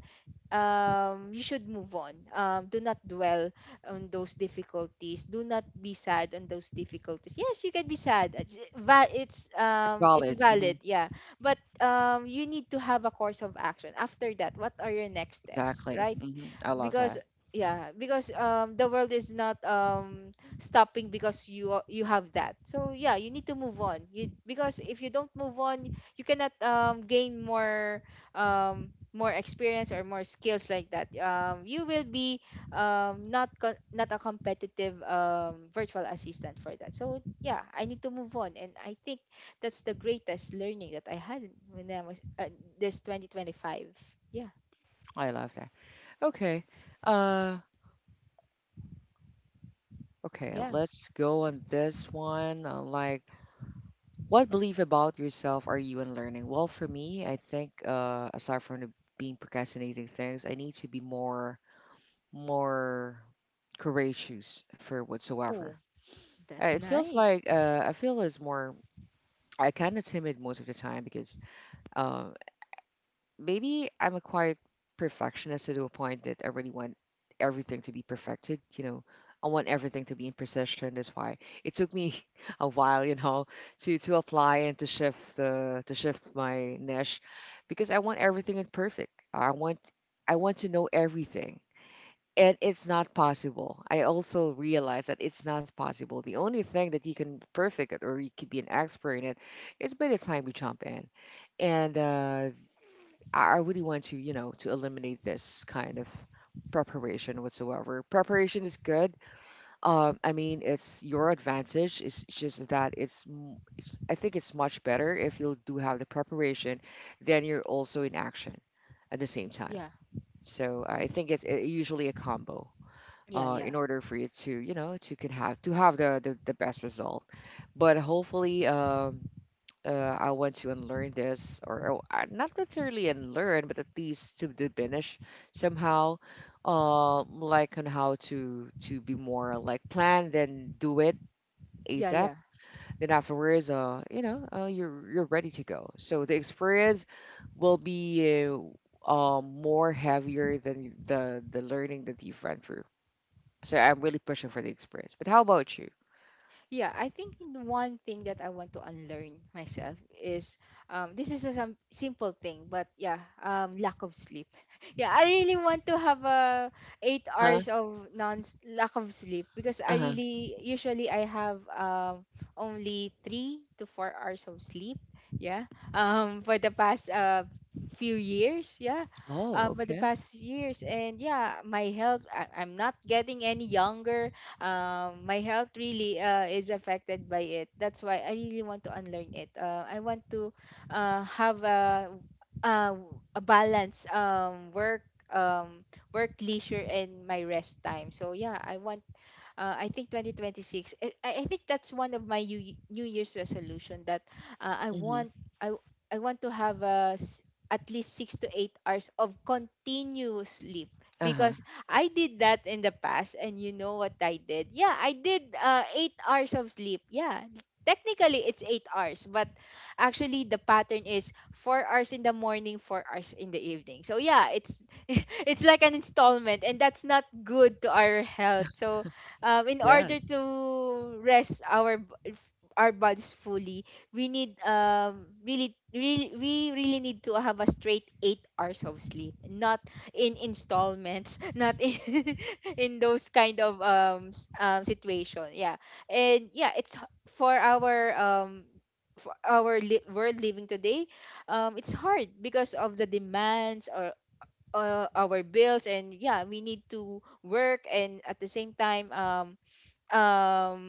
[SPEAKER 2] you should move on, do not dwell on those difficulties, do not be sad on those difficulties. Yes, you can be sad, it's
[SPEAKER 1] It's
[SPEAKER 2] it's
[SPEAKER 1] valid. Mm-hmm.
[SPEAKER 2] valid, yeah, but you need to have a course of action after that. What are your next steps,
[SPEAKER 1] Exactly.
[SPEAKER 2] right?
[SPEAKER 1] Mm-hmm. I love
[SPEAKER 2] Because
[SPEAKER 1] that.
[SPEAKER 2] yeah, because the world is not stopping because you have that. So yeah, you need to move on, you, because if you don't move on, you cannot gain more more experience or more skills, like that. You will be not a competitive virtual assistant for that. So yeah, I need to move on, and I think that's the greatest learning that I had when I was this 2025, yeah,
[SPEAKER 1] I love that. Okay. uh Okay,
[SPEAKER 2] yeah.
[SPEAKER 1] let's go on this one. Like, what belief about yourself are you unlearning? Well, for me, I think, aside from the being procrastinating things, I need to be more courageous for whatsoever.
[SPEAKER 2] That's
[SPEAKER 1] It feels
[SPEAKER 2] nice.
[SPEAKER 1] like, I feel as more, I kind of timid most of the time because, uh, maybe I'm a quiet perfectionist to a point that I really want everything to be perfected. You know, I want everything to be in precision. That's why it took me a while, to apply and to shift the to shift my niche, because I want everything in perfect. I want to know everything. And it's not possible. I also realize that it's not possible. The only thing that you can perfect it, or you could be an expert in it, is by the time you jump in. And I really want to, to eliminate this kind of preparation whatsoever. Preparation is good. I mean, it's your advantage. It's just that it's, I think it's much better if you do have the preparation, then you're also in action at the same
[SPEAKER 2] Yeah.
[SPEAKER 1] time. So I think it's usually a combo.
[SPEAKER 2] Yeah. Yeah.
[SPEAKER 1] In order for you to, to can have to have the best result, but hopefully, I want to unlearn this, or, not necessarily unlearn, but at least to diminish somehow, like on how to be more like plan then do it
[SPEAKER 2] Yeah.
[SPEAKER 1] ASAP.
[SPEAKER 2] Yeah.
[SPEAKER 1] Then afterwards, you're ready to go. So the experience will be, more heavier than the learning that you've went through. So I'm really pushing for the experience. But how about you?
[SPEAKER 2] Yeah, I think the one thing that I want to unlearn myself is this is a some simple thing, but yeah, lack of sleep. Yeah, I really want to have a eight
[SPEAKER 1] Huh?
[SPEAKER 2] hours of non lack of sleep, because I
[SPEAKER 1] Uh huh.
[SPEAKER 2] really usually I have only 3 to 4 hours of sleep. Yeah, for the past few years. Yeah,
[SPEAKER 1] Oh,
[SPEAKER 2] for the
[SPEAKER 1] okay.
[SPEAKER 2] past years, and yeah, my health. I'm not getting any younger. My health really is affected by it. That's why I really want to unlearn it. I want to have a, a balance, work, um, work, leisure, and my rest time. So yeah, I want, I think 2026. I think that's one of my New Year's resolution that uh, I
[SPEAKER 1] Mm-hmm.
[SPEAKER 2] want I I want to have, at least 6 to 8 hours of continuous sleep,
[SPEAKER 1] Uh huh.
[SPEAKER 2] because I did that in the past, and you know what I did. Yeah, I did 8 hours of sleep. Yeah, technically it's 8 hours, but actually the pattern is 4 hours in the morning, 4 hours in the evening. So yeah, it's it's like an installment, and that's not good to our health. So in
[SPEAKER 1] Yeah.
[SPEAKER 2] order to rest our bodies fully, we need, really really we really need to have a straight 8 hours of sleep, not in installments, not in in those kind of situation. Yeah, and yeah, for our world living today, it's hard because of the demands, or our bills, and yeah, we need to work, and at the same time,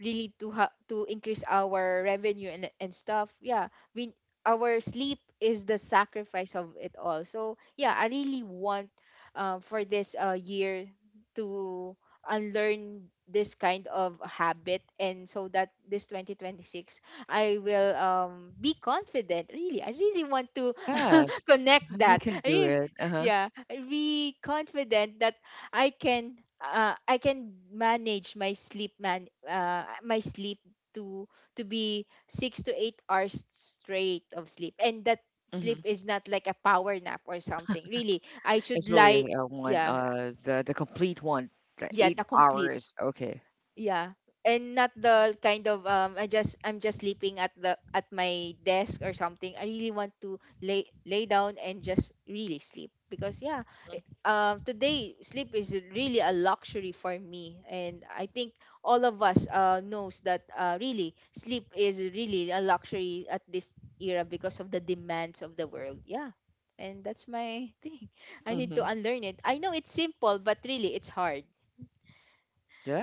[SPEAKER 2] really to increase our revenue and stuff. Yeah, we our sleep is the sacrifice of it all. So yeah, I really want, for this year, to unlearn this kind of habit, and so that this 2026 I will be confident. Really, I really want to
[SPEAKER 1] Yes,
[SPEAKER 2] connect
[SPEAKER 1] you
[SPEAKER 2] that
[SPEAKER 1] can
[SPEAKER 2] I
[SPEAKER 1] do
[SPEAKER 2] really,
[SPEAKER 1] it. Uh-huh.
[SPEAKER 2] yeah, be confident that I can, I can manage my sleep, man my sleep to to be 6 to 8 hours straight of sleep, and that sleep
[SPEAKER 1] Hmm.
[SPEAKER 2] is not like a power nap or something. Really, I should
[SPEAKER 1] It's really
[SPEAKER 2] lie.
[SPEAKER 1] a one,
[SPEAKER 2] Yeah.
[SPEAKER 1] the complete one, the
[SPEAKER 2] Yeah,
[SPEAKER 1] eight
[SPEAKER 2] the complete.
[SPEAKER 1] hours. Okay.
[SPEAKER 2] Yeah. And not the kind of, I'm just sleeping at the at my desk or something. I really want to lay down and just really sleep, because yeah, today sleep is really a luxury for me, and I think all of us knows that really sleep is really a luxury at this era, because of the demands of the world. Yeah. And that's my thing. I need
[SPEAKER 1] Mm-hmm.
[SPEAKER 2] to unlearn it. I know it's simple, but really it's hard.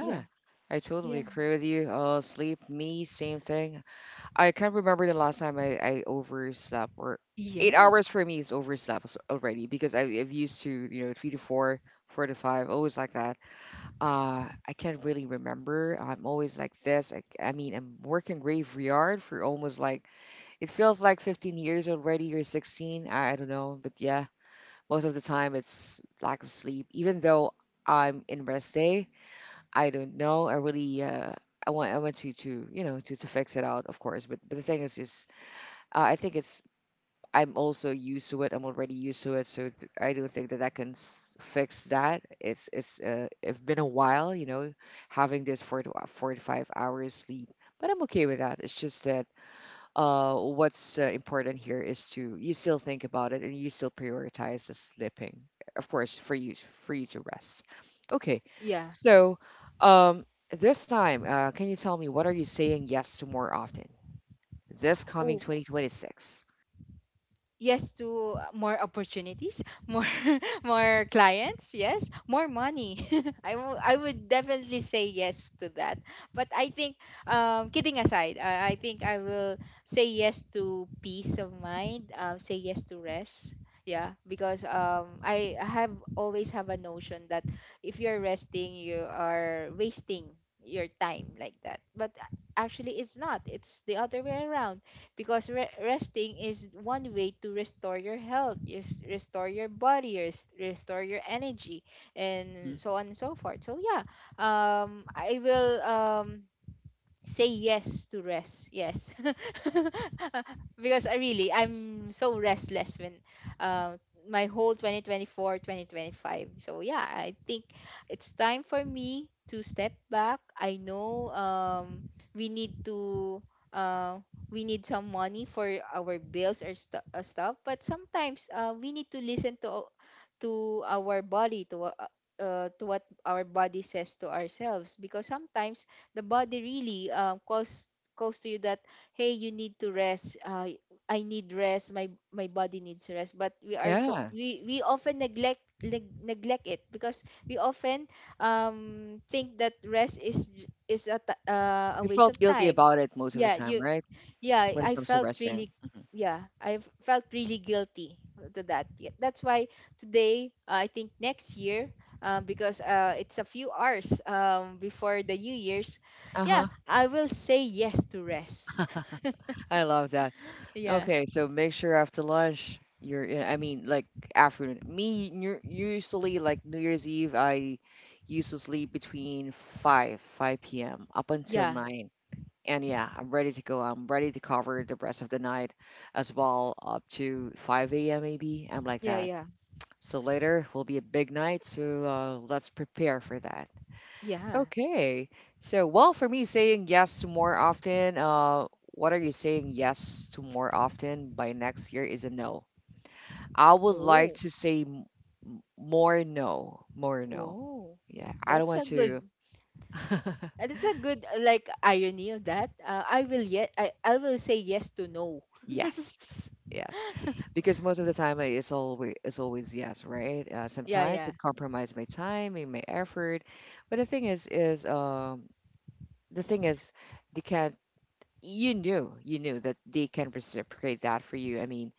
[SPEAKER 2] Yeah.
[SPEAKER 1] I totally
[SPEAKER 2] Yeah.
[SPEAKER 1] agree with you. Sleep, me, same thing. I can't remember the last time I overslept, or eight
[SPEAKER 2] Yes.
[SPEAKER 1] hours for me is overslept as- already, because I, I've used to 3 to 4, 4 to 5, always like that. I can't really remember. I'm always like this. I mean, I'm working graveyard for almost it feels like 15 years already, or 16. I don't know. But yeah, most of the time it's lack of sleep. Even though I'm in rest day, I don't know. I really, I want to, you know, to fix it out, of course. But the thing is just, I think I'm also used to it. I'm already used to it. So I don't think that that can fix that. It's been a while, you know, having this 4 to 5 hours sleep, but I'm okay with that. It's just, what's important here is to, you still think about it and you still prioritize the sleeping, of course, for you to rest. Okay,
[SPEAKER 2] Yeah.
[SPEAKER 1] so, um, this time, can you tell me, what are you saying yes to more often this coming
[SPEAKER 2] Oh,
[SPEAKER 1] 2026?
[SPEAKER 2] yes to more opportunities, more more clients, yes, more money. I would definitely say yes to that. But I think, kidding aside, I think I will say yes to peace of mind, say yes to rest. Yeah, because I have always have a notion that if you're resting, you are wasting your time, like that. But actually it's not. It's the other way around, because resting is one way to restore your health, is restore your body, restore your energy,
[SPEAKER 1] Mhm.
[SPEAKER 2] and so on and so forth. So yeah, I will, say yes to rest, yes. Because I'm so restless when, uh, my whole 2024, 2025. So yeah, I think it's time for me to step back. I know, we need to, uh, we need some money for our bills or stuff, but sometimes, we need to listen to, our body, to, to what our body says to ourselves, because sometimes the body really, calls to you that, hey, you need to rest. I need rest. My body needs rest, but we are so,
[SPEAKER 1] Yeah.
[SPEAKER 2] we often neglect it, because we often think that rest is a
[SPEAKER 1] You
[SPEAKER 2] waste of
[SPEAKER 1] felt guilty
[SPEAKER 2] time.
[SPEAKER 1] about it most of the
[SPEAKER 2] Yeah,
[SPEAKER 1] time,
[SPEAKER 2] you.
[SPEAKER 1] right?
[SPEAKER 2] Yeah,
[SPEAKER 1] When it
[SPEAKER 2] I
[SPEAKER 1] comes to
[SPEAKER 2] felt
[SPEAKER 1] resting.
[SPEAKER 2] really.
[SPEAKER 1] Mhm.
[SPEAKER 2] Yeah, felt really guilty, to that. Yeah, that's why today, I think next year, because it's a few hours before the New Year's.
[SPEAKER 1] Uh huh.
[SPEAKER 2] Yeah, I will say yes to rest.
[SPEAKER 1] I love that.
[SPEAKER 2] Yeah.
[SPEAKER 1] Okay, so make sure after lunch you're in, I mean like afternoon. Me, usually like New Year's Eve, I used to sleep between 5 p.m. up until
[SPEAKER 2] Yeah.
[SPEAKER 1] 9. And yeah, I'm ready to go. I'm ready to cover the rest of the night as well up to 5 a.m. maybe. I'm like
[SPEAKER 2] Yeah.
[SPEAKER 1] that.
[SPEAKER 2] Yeah.
[SPEAKER 1] So later will be a big night, so, let's prepare for that.
[SPEAKER 2] Yeah.
[SPEAKER 1] Okay. So, well, for me, saying yes to more often, what are you saying yes to more often by next year is a no. I would like
[SPEAKER 2] Oh.
[SPEAKER 1] to say, more no, more no.
[SPEAKER 2] oh
[SPEAKER 1] Yeah, I don't
[SPEAKER 2] that's
[SPEAKER 1] want
[SPEAKER 2] a good,
[SPEAKER 1] to.
[SPEAKER 2] like irony of that. I will say yes to no.
[SPEAKER 1] Yes, yes. Because most of the time, it's always yes, right?
[SPEAKER 2] Yeah.
[SPEAKER 1] Sometimes
[SPEAKER 2] Yeah.
[SPEAKER 1] it compromises my time and my effort, but the thing is they can't. You knew that they can reciprocate that for you. i mean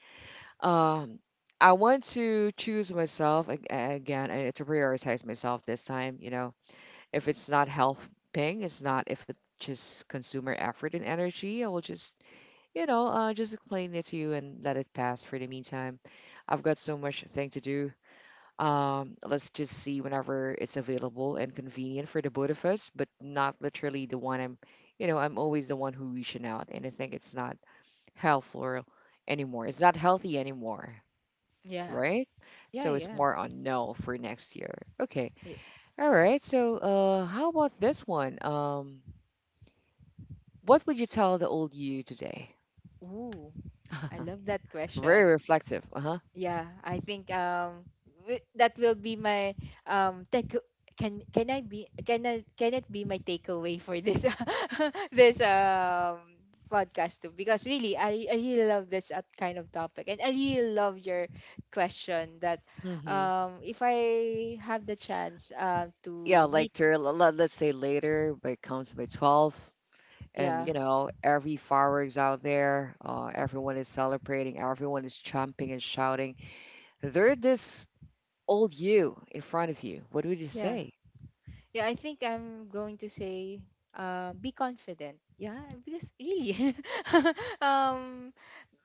[SPEAKER 1] um I want to choose myself again, to prioritize myself this time, you know. If it's not helping, it's not, if it just consumer effort and energy, I will just, you know, just explain it to you and let it pass for the meantime. I've got so much thing to do. Let's just see whenever it's available and convenient for the both of us, but not literally the one I'm always the one who reaching out, and I think it's not helpful anymore. It's not healthy anymore,
[SPEAKER 2] Yeah.
[SPEAKER 1] right?
[SPEAKER 2] Yeah.
[SPEAKER 1] So it's
[SPEAKER 2] Yeah,
[SPEAKER 1] more on no for next year. Okay,
[SPEAKER 2] yeah.
[SPEAKER 1] all right. So, how about this one? What would you tell the old you today?
[SPEAKER 2] Ooh. I love that
[SPEAKER 1] Very
[SPEAKER 2] question.
[SPEAKER 1] reflective. Uh huh.
[SPEAKER 2] Yeah, I think, that will be my take. Can can I be can I can it be my takeaway for this this podcast too, because really, I really love this kind of topic, and I really love your question that,
[SPEAKER 1] Mm-hmm.
[SPEAKER 2] if I have the chance, to
[SPEAKER 1] Yeah, like
[SPEAKER 2] meet.
[SPEAKER 1] to, let's say later, but it comes by 12. And
[SPEAKER 2] Yeah.
[SPEAKER 1] you know, every fireworks out there, everyone is celebrating, everyone is jumping and shouting. There's this old you in front of you, what would you
[SPEAKER 2] Yeah.
[SPEAKER 1] say?
[SPEAKER 2] Yeah, I think I'm going to say, be confident. Yeah, because really, um,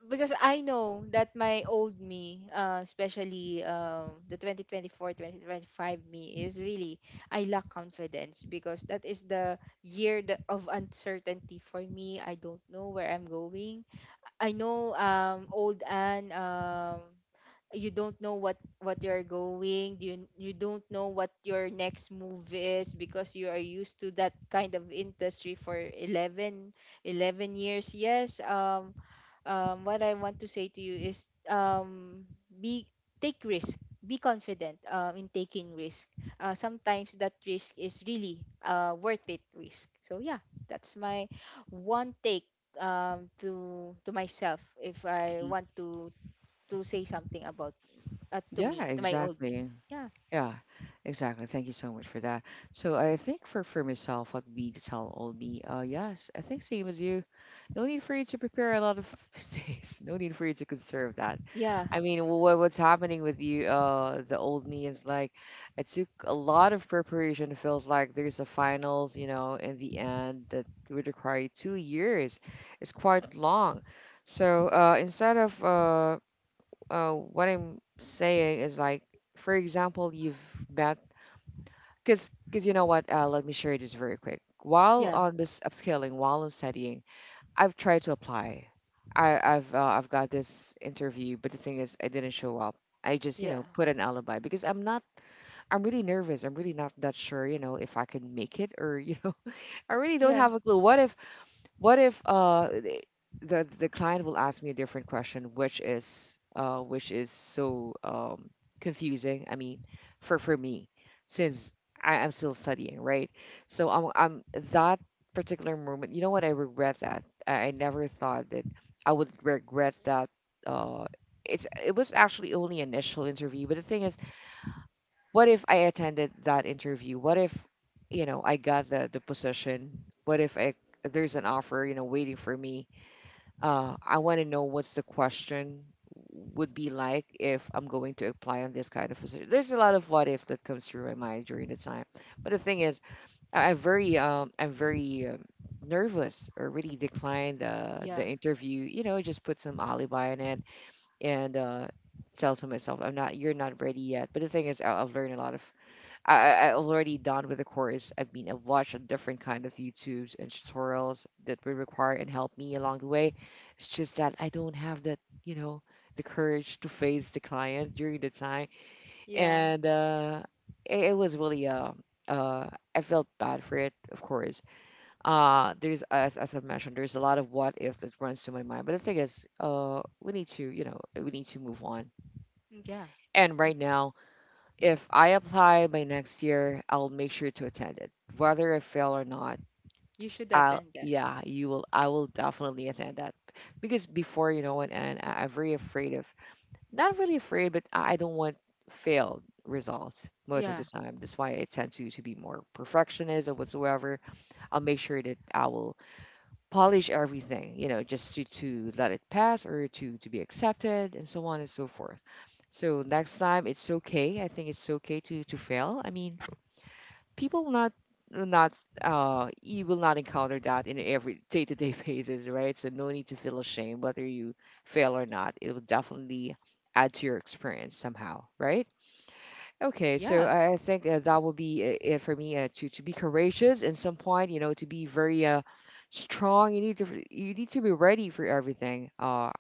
[SPEAKER 2] because I know that my old me, especially, the 2024, 2025 me, is really, I lack confidence, because that is the year that, of uncertainty for me. I don't know where I'm going. I know, old Anne. You don't know what you're going, you don't know what your next move is, because you are used to that kind of industry for eleven years. Yes. What I want to say to you is, be. Take risk. Be confident, in taking risk. Sometimes that risk is really, worth it risk. So yeah, that's my one take, to myself. If I want to say something about, to
[SPEAKER 1] Yeah,
[SPEAKER 2] me, to my old me.
[SPEAKER 1] exactly.
[SPEAKER 2] Yeah,
[SPEAKER 1] Yeah, exactly. Thank you so much for that. So I think for myself, what me to tell old me, yes, I think same as you. No need for you to prepare a lot of days. No need for you to conserve that.
[SPEAKER 2] yeah,
[SPEAKER 1] I mean, what's happening with you, the old me is like, it took a lot of preparation. It feels like there's a finals, you know, in the end that would require 2 years. It's quite long. So instead of, what I'm saying is like, for example, you've met, because you know what? Let me share this very quick. While
[SPEAKER 2] yeah,
[SPEAKER 1] on this upscaling, while on studying, I've tried to apply. I've got this interview, but the thing is, I didn't show up. I just, you
[SPEAKER 2] yeah,
[SPEAKER 1] know, put an alibi because I'm not. I'm really nervous. I'm really not that sure. You know, if I can make it, or you know, I really don't
[SPEAKER 2] yeah,
[SPEAKER 1] have a clue. What if, what if the client will ask me a different question, which is so confusing. I mean, for me, since I'm still studying, right? So I'm that particular moment. You know what? I regret that. I never thought that I would regret that. Uh, it's, it was actually only initial interview, but the thing is, what if I attended that interview? What if, you know, I got the position? What if I, there's an offer, you know, waiting for me? I want to know what's the question would be like if I'm going to apply on this kind of position. There's a lot of what if that comes through my mind during the time. But the thing is, I'm very nervous or really declined the
[SPEAKER 2] yeah,
[SPEAKER 1] interview. You know, just put some alibi in it, and tell to myself, I'm not, you're not ready yet. But the thing is, I've learned a lot of, I already done with the course. I mean, I've watched a different kind of YouTubes and tutorials that will require and help me along the way. It's just that I don't have that, you know, the courage to face the client during the time.
[SPEAKER 2] yeah,
[SPEAKER 1] And it, it was really, uh, I felt bad for it, of course. There's, as I've mentioned, there's a lot of what if that runs to my mind. But the thing is, we need to, you know, we need to move on.
[SPEAKER 2] mm, yeah.
[SPEAKER 1] And
[SPEAKER 2] You,
[SPEAKER 1] right now, if I apply by next year, I'll make sure to attend it, whether I fail or not.
[SPEAKER 2] you should
[SPEAKER 1] I'll,
[SPEAKER 2] attend that.
[SPEAKER 1] yeah, you will. I will definitely attend that, because before you know it, and I'm very afraid of, not really afraid, but I don't want failed results most of the
[SPEAKER 2] Yeah,
[SPEAKER 1] time. That's why I tend to be more perfectionist or whatsoever. I'll make sure that I will polish everything, you know, just to let it pass or to be accepted and so on and so forth. So next time it's okay. I think it's okay to fail. I mean, people not uh, not you will not encounter that in every day-to-day basis, right? So no need to feel ashamed whether you fail or not, it will definitely add to your experience somehow, right? Okay, so
[SPEAKER 2] yeah,
[SPEAKER 1] I think that will be it for me, to be courageous in some point, you know, to be very strong. You need to, you need to be ready for everything.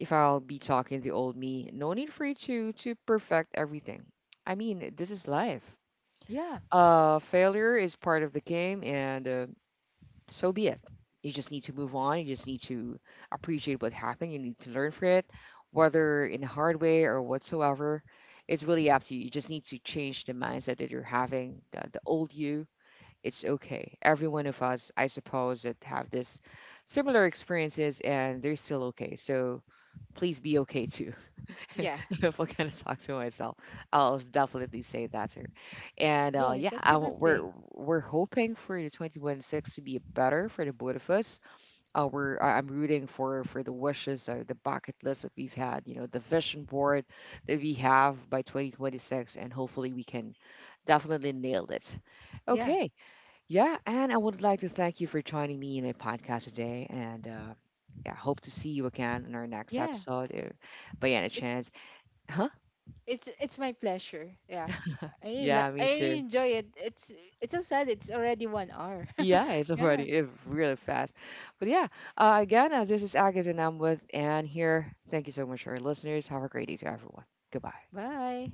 [SPEAKER 1] If I'll be talking the old me, no need for you to perfect everything. I mean, this is life.
[SPEAKER 2] yeah,
[SPEAKER 1] Failure is part of the game, and so be it. You just need to move on. You just need to appreciate what happened. You need to learn from it, whether in a hard way or whatsoever. It's really up to you. You just need to change the mindset that you're having, the old you. It's okay. Every one of us, I suppose, that have this similar experiences, and they're still okay. So please be okay too.
[SPEAKER 2] yeah,
[SPEAKER 1] If I'm gonna talk to myself, I'll definitely say that to her. And
[SPEAKER 2] yeah.
[SPEAKER 1] yeah,
[SPEAKER 2] That's a good thing.
[SPEAKER 1] we're hoping for the 2026 to be better for the both of us. I'm rooting for the wishes, the bucket list that we've had, you know, the vision board that we have by 2026, and hopefully we can definitely nail it.
[SPEAKER 2] Yeah,
[SPEAKER 1] Okay, yeah, and I would like to thank you for joining me in my podcast today, and yeah, hope to see you again in our next
[SPEAKER 2] yeah.
[SPEAKER 1] episode, if by any
[SPEAKER 2] It's
[SPEAKER 1] chance. Huh?
[SPEAKER 2] it's my pleasure. Yeah,
[SPEAKER 1] Yeah,
[SPEAKER 2] I
[SPEAKER 1] me
[SPEAKER 2] really
[SPEAKER 1] too.
[SPEAKER 2] enjoy it. It's so sad. It's already 1 hour.
[SPEAKER 1] Yeah, it's
[SPEAKER 2] Yeah.
[SPEAKER 1] already, it's really fast. But yeah, again, this is Agus and I'm with Anne here. Thank you so much, our listeners. Have a great day to everyone. Goodbye.
[SPEAKER 2] Bye.